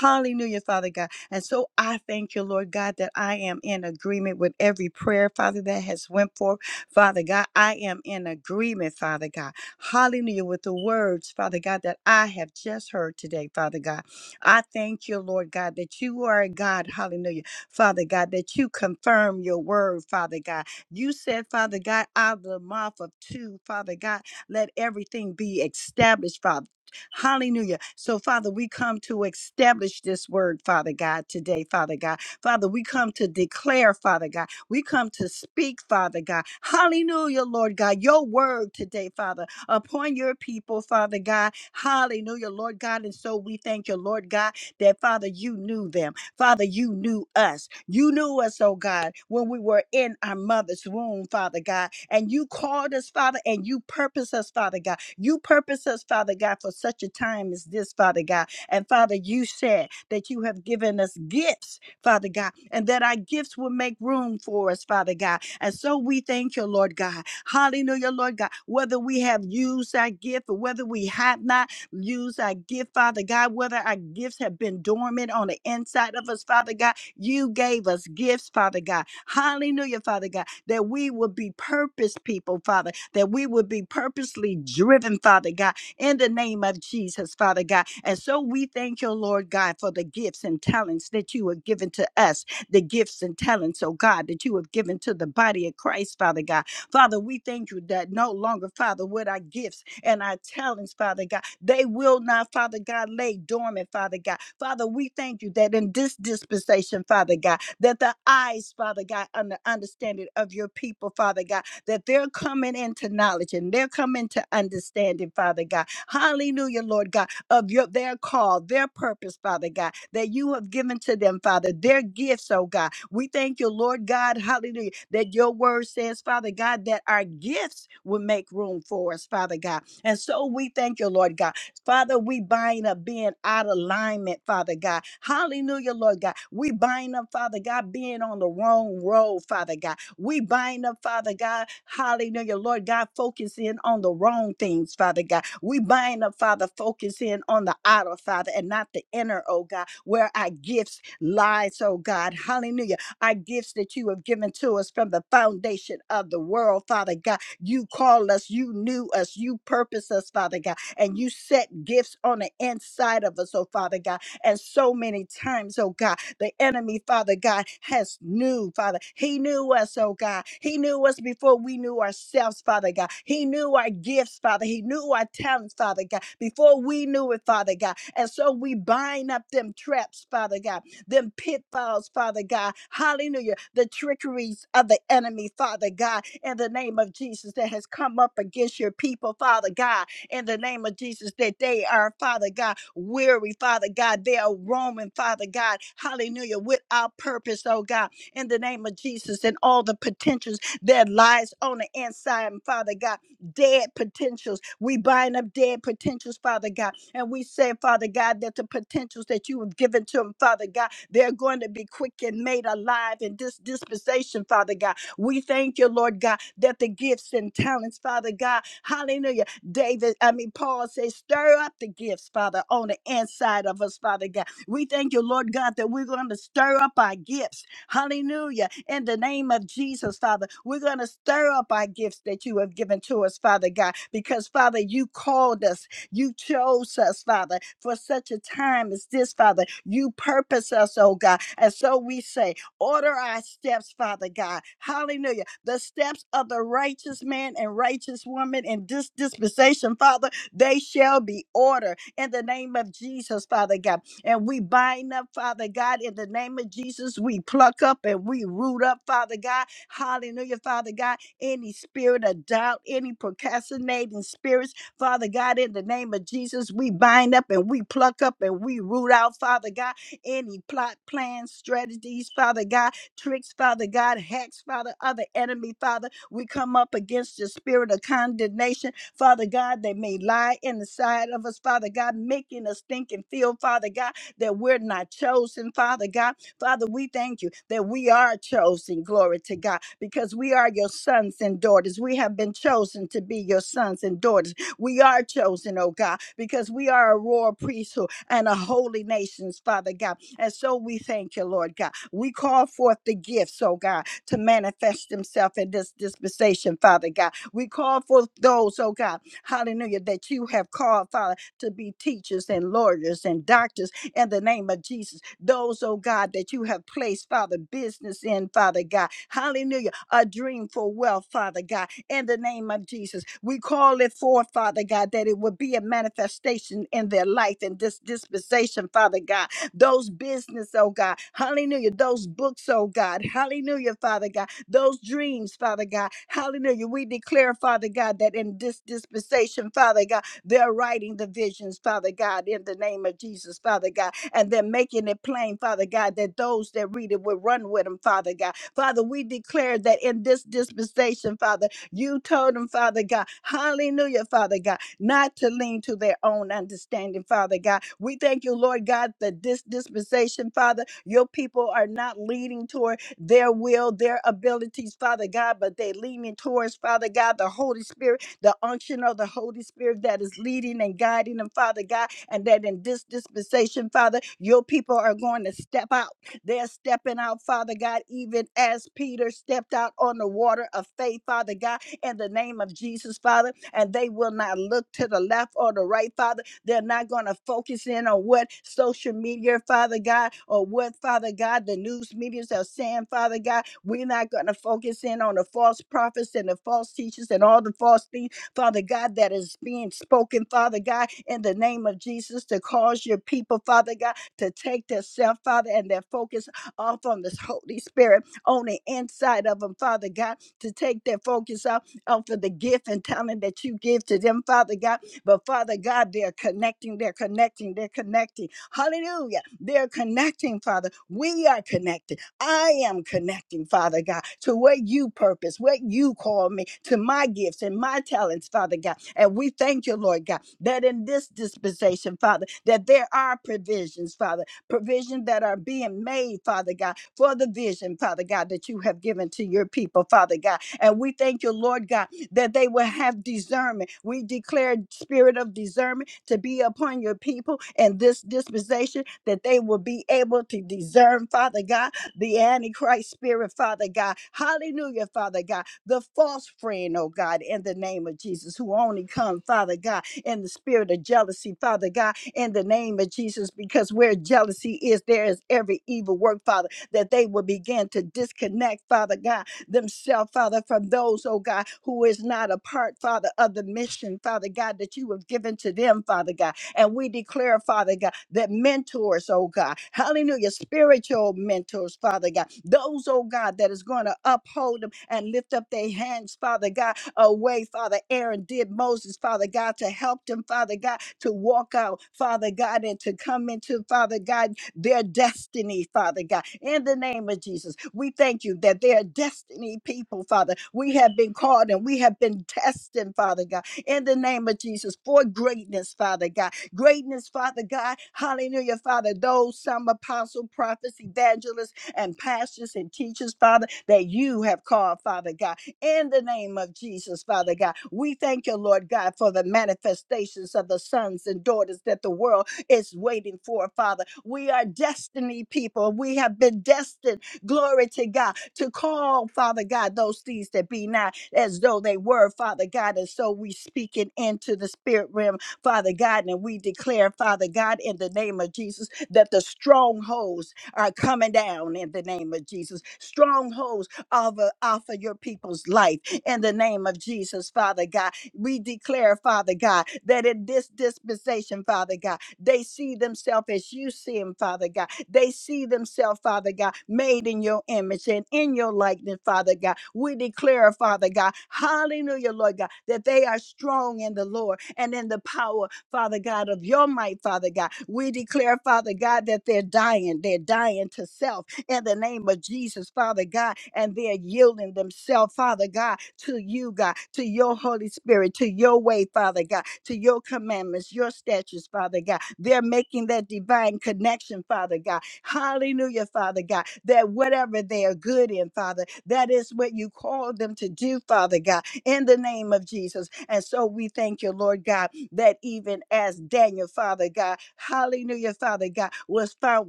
[SPEAKER 4] Hallelujah, Father God. And so I thank you, Lord God, that I am in agreement with every prayer, Father, that has went forth. Father God, I am in agreement, Father God. Hallelujah, with the words, Father God, that I have just heard today, Father God. I thank you, Lord God, that you are a God, hallelujah, Father God, that you confirm your word, Father God. You said, Father God, out of the mouth of two, Father God, let everything be established, Father. Hallelujah. So, Father, we come to establish this word, Father God, today, Father God. Father, we come to declare, Father God. We come to speak, Father God. Hallelujah, Lord God. Your word today, Father, upon your people, Father God. Hallelujah, Lord God. And so we thank you, Lord God, that Father, you knew them. Father, you knew us. You knew us, oh God, when we were in our mother's womb, Father God. And you called us, Father, and you purpose us, Father God. You purpose us, Father God, for such a time as this, Father God. And Father, you said that you have given us gifts Father God, and that our gifts will make room for us, Father God. And so we thank you, Lord God. Hallelujah, Lord God. Whether we have used our gift or whether we have not used our gift, Father God, whether our gifts have been dormant on the inside of us, Father God, you gave us gifts, Father God. Hallelujah, Father God, that we would be purpose people, Father, that we would be purposely driven, Father God in the name of Jesus, Father God. And so we thank you, Lord God, for the gifts and talents that you have given to us, the gifts and talents, oh God, that you have given to the body of Christ, Father God. Father, we thank you that no longer, Father, with our gifts and our talents, Father God, they will not, Father God, lay dormant, Father God. Father, we thank you that in this dispensation, Father God, that the eyes, Father God, and the understanding of your people, Father God, that they're coming into knowledge and they're coming to understanding, Father God. Hallelujah, Lord God, of your their call, their purpose, Father God, that you have given to them, Father, their gifts, oh God. We thank you, Lord God, hallelujah, that your word says, Father God, that our gifts will make room for us, Father God. And so we thank you, Lord God. Father, we bind up being out of alignment, Father God. Hallelujah, Lord God. We bind up, Father God, being on the wrong road, Father God. We bind up, Father God. Hallelujah. Lord God, focus in on the wrong things, Father God. We bind up, Father, focus in on the outer, Father, and not the inner, oh God, where our gifts lies, oh God. Hallelujah. Our gifts that you have given to us from the foundation of the world, Father God. You called us, you knew us, you purposed us, Father God, and you set gifts on the inside of us, oh Father God. And so many times, oh God, the enemy, Father God, has knew, Father. He knew us, oh God. He knew us before we knew ourselves, Father God. He knew our gifts, Father. He knew our talents, Father God, before we knew it, Father God. And so we bind up them traps, Father God, them pitfalls, Father God. Hallelujah. The trickeries of the enemy, Father God, in the name of Jesus that has come up against your people, Father God in the name of Jesus that they are, Father God, weary, Father God. They are roaming, Father God. Hallelujah. Without purpose, oh God, in the name of Jesus and all the potentials that lies on the inside, and Father God. Dead potentials. We bind up dead potentials, Father God. And we say, Father God, that the potentials that you have given to them, Father God, they're going to be quick and made alive in this dispensation, Father God. We thank you, Lord God, that the gifts and talents, Father God, hallelujah David, I mean, Paul says, stir up the gifts, Father, on the inside of us, Father God. We thank you, Lord God, that we're going to stir up our gifts. Hallelujah. In the name of Jesus, Father, we're going to stir up our gifts that you have given to us, Father God, because, Father, you called us you chose us, Father, for such a time as this, Father. You purpose us, oh God. And so we say, Order our steps, Father God. Hallelujah. The steps of the righteous man and righteous woman in this dispensation, Father, they shall be ordered in the name of Jesus, Father God. And we bind up, Father God, in the name of Jesus. We pluck up and we root up, Father God. Hallelujah, Father God. Any spirit of doubt, any procrastinating spirits, Father God, in the name of Jesus, we bind up and we pluck up and we root out, Father God any plot, plans, strategies, Father God, tricks, Father God, hacks, Father, other enemy, Father. We come up against the spirit of condemnation, Father God, that may lie inside of us, Father God, making us think and feel, Father God, that we're not chosen, Father God. Father, we thank you that we are chosen, glory to God, because we are your sons and daughters. We have been chosen to be your sons and daughters. We are chosen, oh God, because we are a royal priesthood and a holy nations, Father God. And so we thank you, Lord God. We call forth the gifts, oh God, to manifest themselves in this dispensation, Father God. We call forth those, oh God, hallelujah, that you have called, Father, to be teachers and lawyers and doctors in the name of Jesus. Those, oh God, that you have placed, Father, business in, Father God. Hallelujah. A dream for wealth, Father God in the name of Jesus. We call it forth, Father God, that it would be a manifestation in their life and this dispensation, Father God. Those business, oh God, hallelujah. Those books, oh God, hallelujah, Father God. Those dreams, Father God, hallelujah. We declare, Father God, that in this dispensation, Father God, they're writing the visions, Father God, in the name of Jesus, Father God, and they're making it plain, Father God, that those that read it will run with them, Father God. Father, we declare that in this dispensation, Father, you told them, Father God, hallelujah, Father God, not to lean to their own understanding, Father God. We thank you, Lord God, that this dispensation, Father, your people are not leaning toward their will, their abilities, Father God, but they're leaning towards, Father God, the Holy Spirit, the unction of the Holy Spirit that is leading and guiding them, Father God, and that in this dispensation, Father, your people are going to step out. They're stepping out, Father God, even as Peter stepped out on the water of faith, Father God in the name of Jesus, Father. And they will not look to the left or the right, Father. They're not going to focus in on what social media, Father God, or what, Father God, the news medias are saying, Father God. We're not going to focus in on the false prophets and the false teachers and all the false things, Father God, that is being spoken, Father God, in the name of Jesus, to cause your people, Father God, to take their self, Father, and their focus off on this Holy Spirit on the inside of them, Father God, to take their focus off uh, for the gift and talent that you give to them, Father God. But Father God, they're connecting, they're connecting, they're connecting. Hallelujah. They're connecting, Father. We are connected. I am connecting, Father God, to what you purpose, what you call me, to my gifts and my talents, Father God. And we thank you, Lord God, that in this dispensation, Father, that there are provisions, Father, provisions that are being made, Father God, for the vision, Father God, that you have given to your people, Father God. And we thank you, Lord God, that they will have discernment. We declare spirit of discernment to be upon your people and this dispensation that they will be able to discern, Father God, the Antichrist spirit, Father God. Hallelujah, Father God. The false friend, oh God, in the name of Jesus, who only come, Father God, in the spirit of jealousy, Father God, in the name of Jesus, because where jealousy is, there is every evil work, Father, that they will begin to disconnect, Father God themselves, Father, from those, oh God, who is not a part, Father, of the mission, Father God, that you have given to them, Father God. And we declare, Father God, that mentors, oh God, hallelujah, spiritual mentors, Father God, those, oh God, that is going to uphold them and lift up their hands, Father God, away, Father. Aaron did Moses, Father God, to help them, Father God, to walk out, Father God, and to come into, Father God, their destiny, Father God. In the name of Jesus, we thank you that they are destiny people, Father. We have been called and we have been destined, Father God. In the name of Jesus, for greatness, Father God. Greatness, Father God. Hallelujah, Father. Those some apostle, prophets, evangelists, and pastors and teachers, Father, that you have called, Father God in the name of Jesus, Father God. We thank you, Lord God, for the manifestations of the sons and daughters that the world is waiting for, Father. We are destiny people. We have been destined, glory to God, to call, Father God, those things that be not as though they were, Father God. And so we speak it into the spirit realm, Father God, and we declare, Father God, in the name of Jesus, that the strongholds are coming down in the name of Jesus. Strongholds of uh, off of your people's life in the name of Jesus, Father God. We declare, Father God, that in this dispensation, Father God, they see themselves as you see them, Father God. They see themselves, Father God, made in your image and in your likeness, Father God. We declare, Father God, hallelujah, Lord God, that they are strong in the Lord and in the power, Father God, of your might, Father God. We declare, Father God, that they're dying. They're dying to self in the name of Jesus, Father God, and they're yielding themselves, Father God, to you, God, to your Holy Spirit, to your way, Father God, to your commandments, your statutes, Father God. They're making that divine connection, Father God. Hallelujah, Father God, that whatever they are good in, Father, that is what you called them to do, Father God, in the name of Jesus. And so we thank you, Lord God, that even as Daniel, Father God, hallelujah, Father God, was found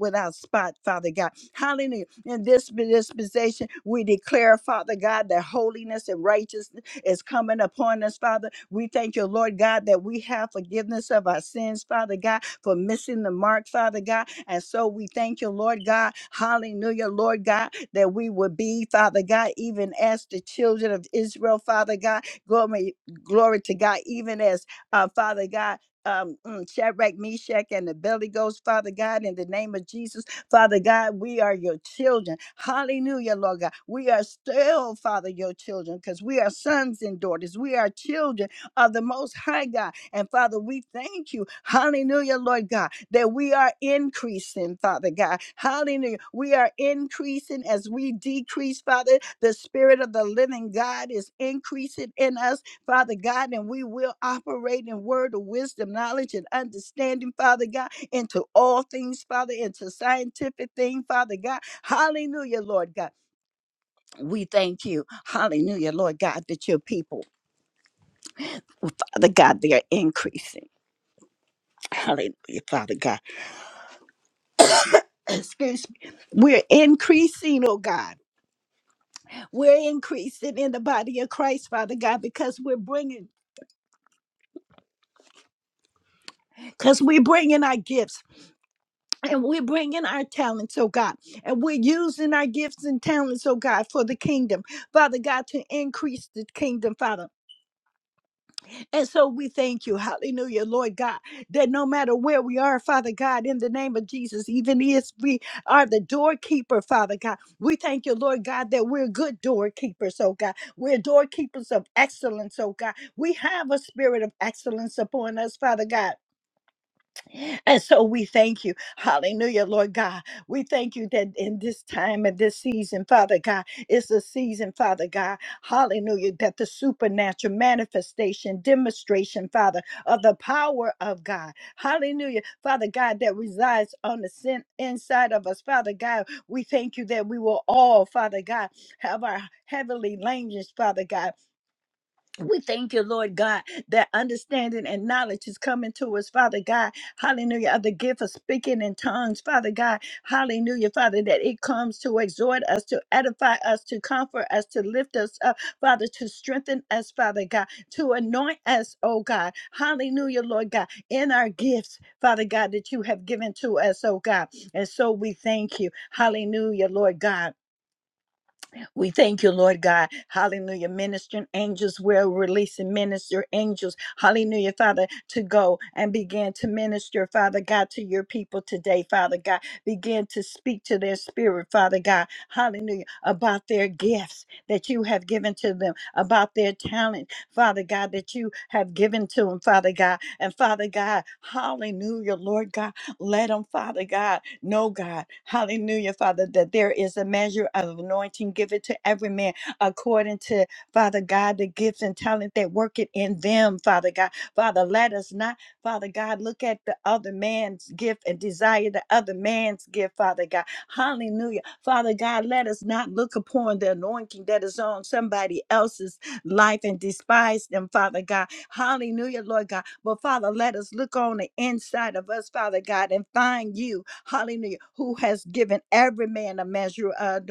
[SPEAKER 4] without spot, Father God. Hallelujah. In this dispensation, we declare, Father God, that holiness and righteousness is coming upon us, Father. We thank you, Lord God, that we have forgiveness of our sins, Father God, for missing the mark, Father God. And so we thank you, Lord God. Hallelujah, Lord God, that we would be, Father God, even as the children of Israel, Father God. Glory, glory to God, even as uh, Father God. Um, mm, Shadrach, Meshach, and the Belly Ghost, Father God, in the name of Jesus. Father God, we are your children. Hallelujah, Lord God. We are still, Father, your children because we are sons and daughters. We are children of the Most High God. And Father, we thank you. Hallelujah, Lord God, that we are increasing, Father God. Hallelujah. We are increasing as we decrease, Father. The Spirit of the living God is increasing in us, Father God, and we will operate in word of wisdom, knowledge, and understanding, Father God into all things, Father, into scientific thing, Father God. Hallelujah, Lord God. We thank you. Hallelujah, Lord God, that your people, Father God, they are increasing. Hallelujah, Father God. Excuse me. We're increasing, oh God. We're increasing in the body of Christ, Father God, because we're bringing, because we're bringing our gifts and we're bringing our talents, oh God, and we're using our gifts and talents, oh God, for the kingdom, Father God, to increase the kingdom, Father. And so we thank you, hallelujah, Lord God, that no matter where we are, Father God, in the name of Jesus, even if we are the doorkeeper, Father God, we thank you, Lord God, that we're good doorkeepers, oh God. We're doorkeepers of excellence, oh God. We have a spirit of excellence upon us, Father God. And so we thank you. Hallelujah, Lord God. We thank you that in this time and this season, Father God, it's a season, Father God. Hallelujah, that the supernatural manifestation, demonstration, Father, of the power of God. Hallelujah, Father God, that resides on the sin inside of us. Father God, we thank you that we will all, Father God, have our heavenly language, Father God. We thank you, Lord God, that understanding and knowledge is coming to us, Father God. Hallelujah. Of the gift of speaking in tongues, Father God. Hallelujah, Father, that it comes to exhort us, to edify us, to comfort us, to lift us up, Father, to strengthen us, Father God, to anoint us, oh God. Hallelujah, Lord God, in our gifts, Father God, that you have given to us, oh God. And so we thank you. Hallelujah, Lord God. We thank you, Lord God. Hallelujah. Ministering angels, we're releasing minister angels. Hallelujah, Father, to go and begin to minister, Father God, to your people today, Father God. Begin to speak to their spirit, Father God. Hallelujah. About their gifts that you have given to them, about their talent, Father God, that you have given to them, Father God. And Father God, hallelujah, Lord God. Let them, Father God, know, God, hallelujah, Father, that there is a measure of anointing given to every man according to, Father God, the gifts and talent that work it in them, Father God. Father, let us not, Father God, look at the other man's gift and desire the other man's gift, Father God. Hallelujah. Father God, let us not look upon the anointing that is on somebody else's life and despise them, Father God. Hallelujah, Lord God. But Father, let us look on the inside of us, Father God, and find you, hallelujah, who has given every man a measure of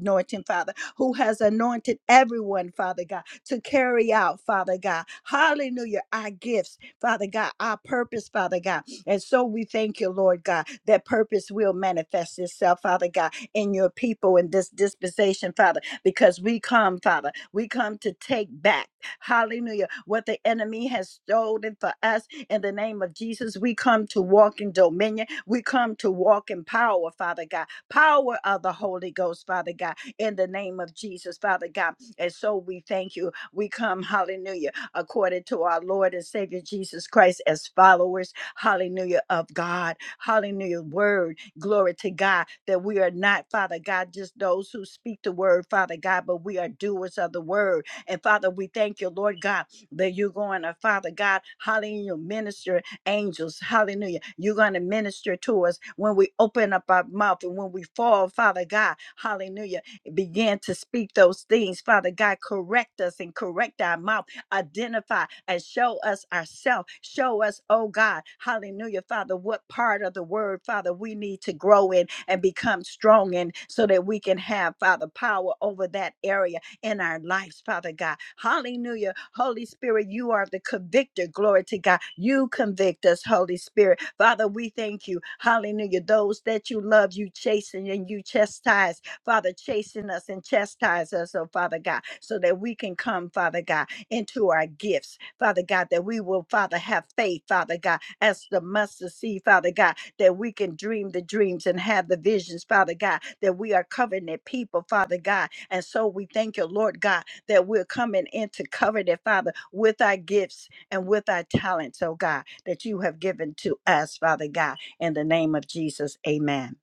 [SPEAKER 4] anointing, Father, who has anointed everyone, Father God, to carry out, Father God, hallelujah, our gifts, Father God, our purpose, Father God. And so we thank you, Lord God, that purpose will manifest itself, Father God, in your people in this dispensation, Father, because we come, Father, we come to take back. Hallelujah. What the enemy has stolen for us in the name of Jesus, we come to walk in dominion. We come to walk in power, Father God. Power of the Holy Ghost, Father God, in the name of Jesus, Father God. And so we thank you. We come, hallelujah, according to our Lord and Savior Jesus Christ as followers, hallelujah, of God. Hallelujah. Word, glory to God, that we are not, Father God, just those who speak the word, Father God, but we are doers of the word. And Father, we thank you, Lord God, that you're going to, Father God, hallelujah, minister angels, hallelujah. You're going to minister to us when we open up our mouth and when we fall, Father God, hallelujah. Begin to speak those things, Father God, correct us and correct our mouth identify and show us ourselves. Show us, oh God, hallelujah, Father, what part of the word, Father, we need to grow in and become strong in so that we can have, Father, power over that area in our lives, Father God. Hallelujah. Holy Spirit, you are the convictor. Glory to God. You convict us, Holy Spirit. Father, we thank you. Hallelujah. Those that you love, you chasten and you chastise. Father, chasten us and chastise us, oh Father God, so that we can come, Father God, into our gifts, Father God, that we will, Father, have faith, Father God, as the mustard seed, Father God, that we can dream the dreams and have the visions, Father God, that we are covenant people, Father God, and so we thank you, Lord God, that we're coming in to cover that, Father, with our gifts and with our talents, oh God, that you have given to us, Father God, in the name of Jesus. Amen.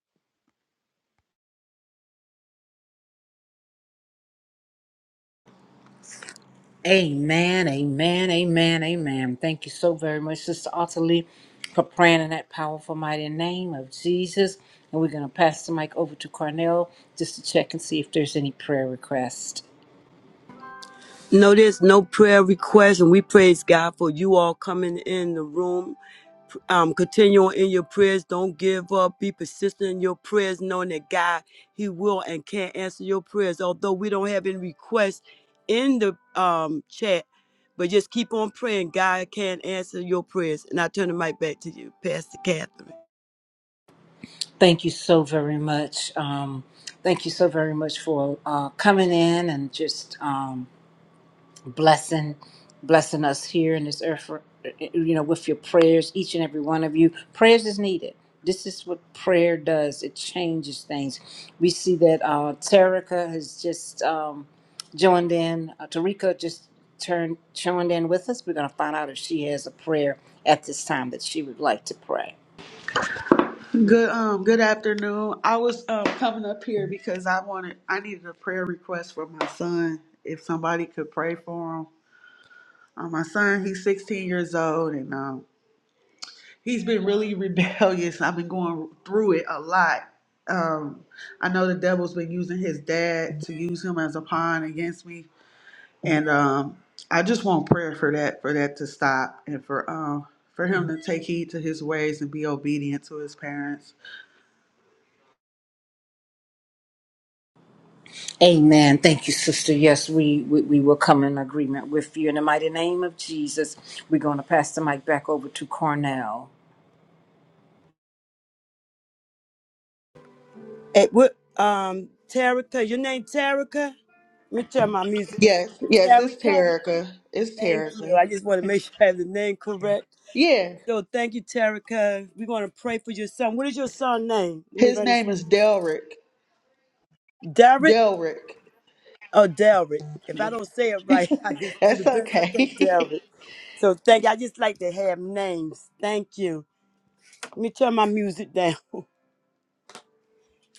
[SPEAKER 1] Amen, amen, amen, amen. Thank you so very much, Sister Ottilie, for praying in that powerful, mighty name of Jesus. And we're going to pass the mic over to Cornell just to check and see if there's any prayer requests.
[SPEAKER 2] No, there's no prayer request, and we praise God for you all coming in the room. Um, continue in your prayers. Don't give up. Be persistent in your prayers, knowing that God, He will and can answer your prayers. Although we don't have any requests in the um chat, but just keep on praying. God can answer your prayers. And I turn the mic back to you, Pastor Catherine.
[SPEAKER 1] Thank you so very much. Um, thank you so very much for uh, coming in and just. Um, blessing blessing us here in this earth for, uh, uh, you know with your prayers each and every one of you prayers is needed this is what prayer does it changes things we see that uh Tarika has just um joined in uh, Tarika just turned joined in with us we're going to find out if she has a prayer at this time that she would like to pray
[SPEAKER 5] Good um good afternoon. I was um coming up here because I wanted I needed a prayer request for my son. If somebody could pray for him. Uh, my son, he's 16 years old and um he's been really *laughs* rebellious. I've been going through it a lot. Um I know the devil's been using his dad to use him as a pawn against me and um I just want prayer for that for that to stop and for um for him to take heed to his ways and be obedient to his parents
[SPEAKER 1] Amen. Thank you, sister. Yes, we, we, we will come in agreement with you. In the mighty name of Jesus, we're going to pass the mic back over to Cornell.
[SPEAKER 2] Hey, what, um, Terica, your name Terica? Let me check my music.
[SPEAKER 5] Yes, yes, it's
[SPEAKER 2] Terica,
[SPEAKER 5] Terica. It's
[SPEAKER 2] thank you.
[SPEAKER 5] Terica.
[SPEAKER 2] I just want to make sure I have the name correct.
[SPEAKER 5] Yeah,
[SPEAKER 2] So thank you, Terica. We're going to pray for your son. What is your son's name?
[SPEAKER 5] his
[SPEAKER 2] Anybody's
[SPEAKER 5] name is Delrick.
[SPEAKER 2] Derek
[SPEAKER 5] Delrick.
[SPEAKER 2] or Derek? If I don't say it right, *laughs* I
[SPEAKER 5] *laughs*
[SPEAKER 2] just do the
[SPEAKER 5] That's
[SPEAKER 2] best I can,
[SPEAKER 5] okay.
[SPEAKER 2] Derek. So thank you. I just like to have names. Thank you. Let me turn my music down. *laughs*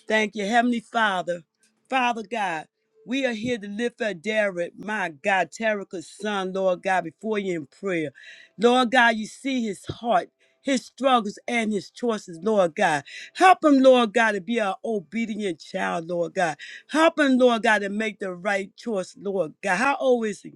[SPEAKER 2] Thank you, Heavenly Father. Father God, we are here to lift up Derek, my God, Terica's son, Lord God, before you in prayer. Lord God, you see his heart, his struggles, and his choices, Lord God. Help him, Lord God, to be an obedient child, Lord God. Help him, Lord God, to make the right choice, Lord God. How old is he?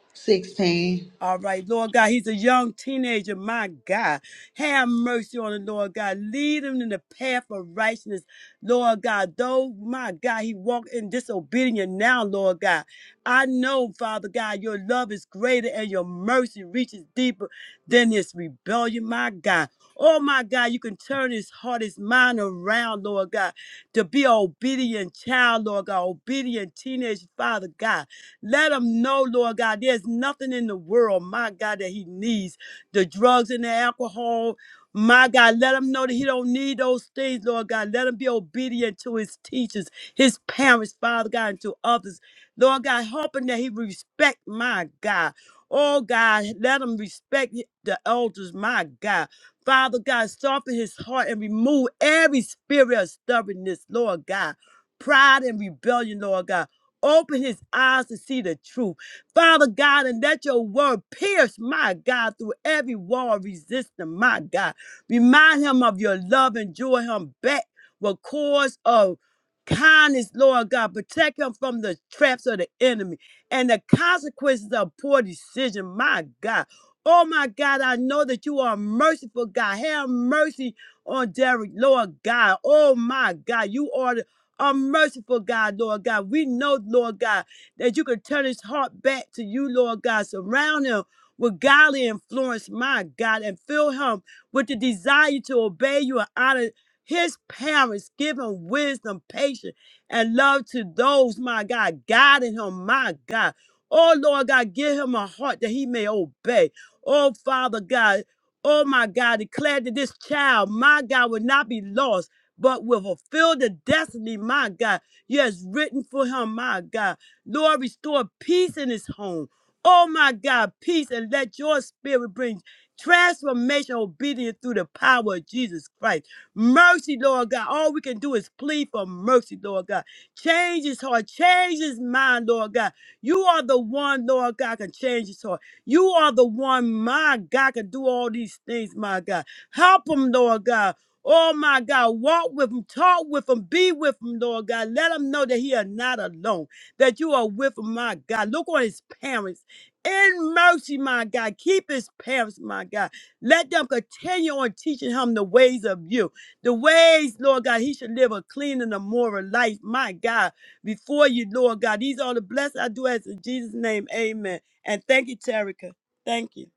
[SPEAKER 5] *laughs* 16.
[SPEAKER 2] All right, Lord God, he's a young teenager, my God. Have mercy on him, Lord God. Lead him in the path of righteousness, Lord God. Though, my God, he walked in disobedience now, Lord God. I know, Father God, your love is greater and your mercy reaches deeper than his rebellion, my God. Oh, my God, you can turn his heart, his mind around, Lord God, to be an obedient child, Lord God, obedient teenage, Father God. Let him know, Lord God, there's nothing in the world, my God, that he needs. The drugs and the alcohol, my God, let him know that he don't need those things, Lord God. Let him be obedient to his teachers, his parents, Father God, and to others. Lord God, help him that he respect, my God. Oh God, let him respect the elders, my God. Father God, soften his heart and remove every spirit of stubbornness, Lord God. Pride and rebellion, Lord God. Open his eyes to see the truth. Father God, and let your word pierce, my God, through every wall of resistance, my God. Remind him of your love and draw him back with cords of kindness, Lord God. Protect him from the traps of the enemy and the consequences of poor decision, my God. Oh my God, I know that you are a merciful God. Have mercy on Derek, Lord God. Oh my God, you are the are merciful, God, Lord God. We know, Lord God, that you can turn his heart back to you, Lord God. Surround him with godly influence, my God, and fill him with the desire to obey you and honor his parents. Give him wisdom, patience, and love to those, my God, guiding him, my God. Oh, Lord God, give him a heart that he may obey. Oh, Father God. Oh my God, declare that this child, my God, will not be lost but will fulfill the destiny, my God. Yes, written for him, my God. Lord, restore peace in his home. Oh, my God, peace, and let your spirit bring transformation, obedience through the power of Jesus Christ. Mercy, Lord God. All we can do is plead for mercy, Lord God. Change his heart, change his mind, Lord God. You are the one, Lord God, can change his heart. You are the one, my God, can do all these things, my God. Help him, Lord God. Oh my God, walk with him, talk with him, be with him, Lord God. Let him know that he is not alone, that you are with him, my God. Look on his parents. In mercy, my God. Keep his parents, my God. Let them continue on teaching him the ways of you. The ways, Lord God, he should live a clean and a moral life, my God, before you, Lord God. These are the blessings I do as in Jesus' name. Amen. And thank you, Terica. Thank you.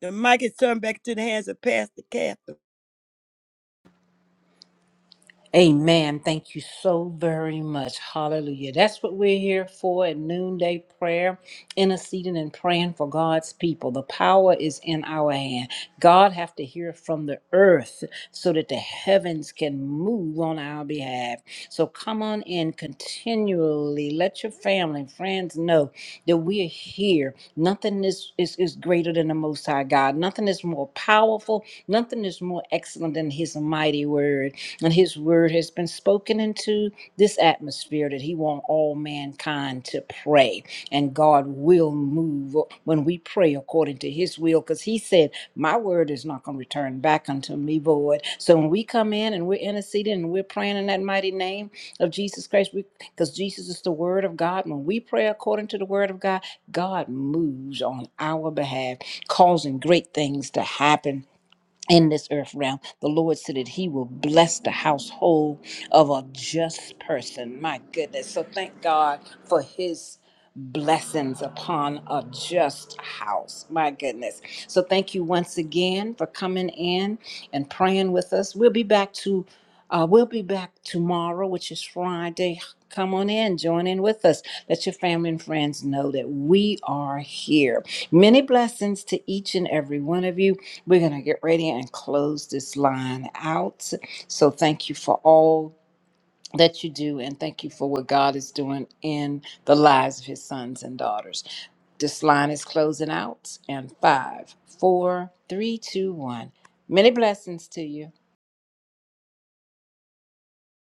[SPEAKER 2] The mic is turned back to the hands of Pastor Catherine.
[SPEAKER 1] Amen. Thank you so very much. Hallelujah. That's what we're here for at noonday prayer, interceding and praying for God's people. The power is in our hand. God have to hear from the earth so that the heavens can move on our behalf. So come on in continually. Let your family and friends know that we are here. Nothing is, is, is greater than the Most High God. Nothing is more powerful. Nothing is more excellent than His mighty word. And his word has been spoken into this atmosphere that he wants all mankind to pray. And God will move when we pray according to his will, because he said, My word is not going to return back unto me void. So when we come in and we're interceding and we're praying in that mighty name of Jesus Christ, because Jesus is the word of God, when we pray according to the word of God, God moves on our behalf, causing great things to happen in this earth realm. The Lord said that He will bless the household of a just person. My goodness. So thank God for His blessings upon a just house. My goodness. So thank you once again for coming in and praying with us. We'll be back to uh, we'll be back tomorrow, which is Friday. Come on in, join in with us. Let your family and friends know that we are here. Many blessings to each and every one of you. We're going to get ready and close this line out. So thank you for all that you do, and thank you for what God is doing in the lives of his sons and daughters. This line is closing out, and five, four, three, two, one. Many blessings to you.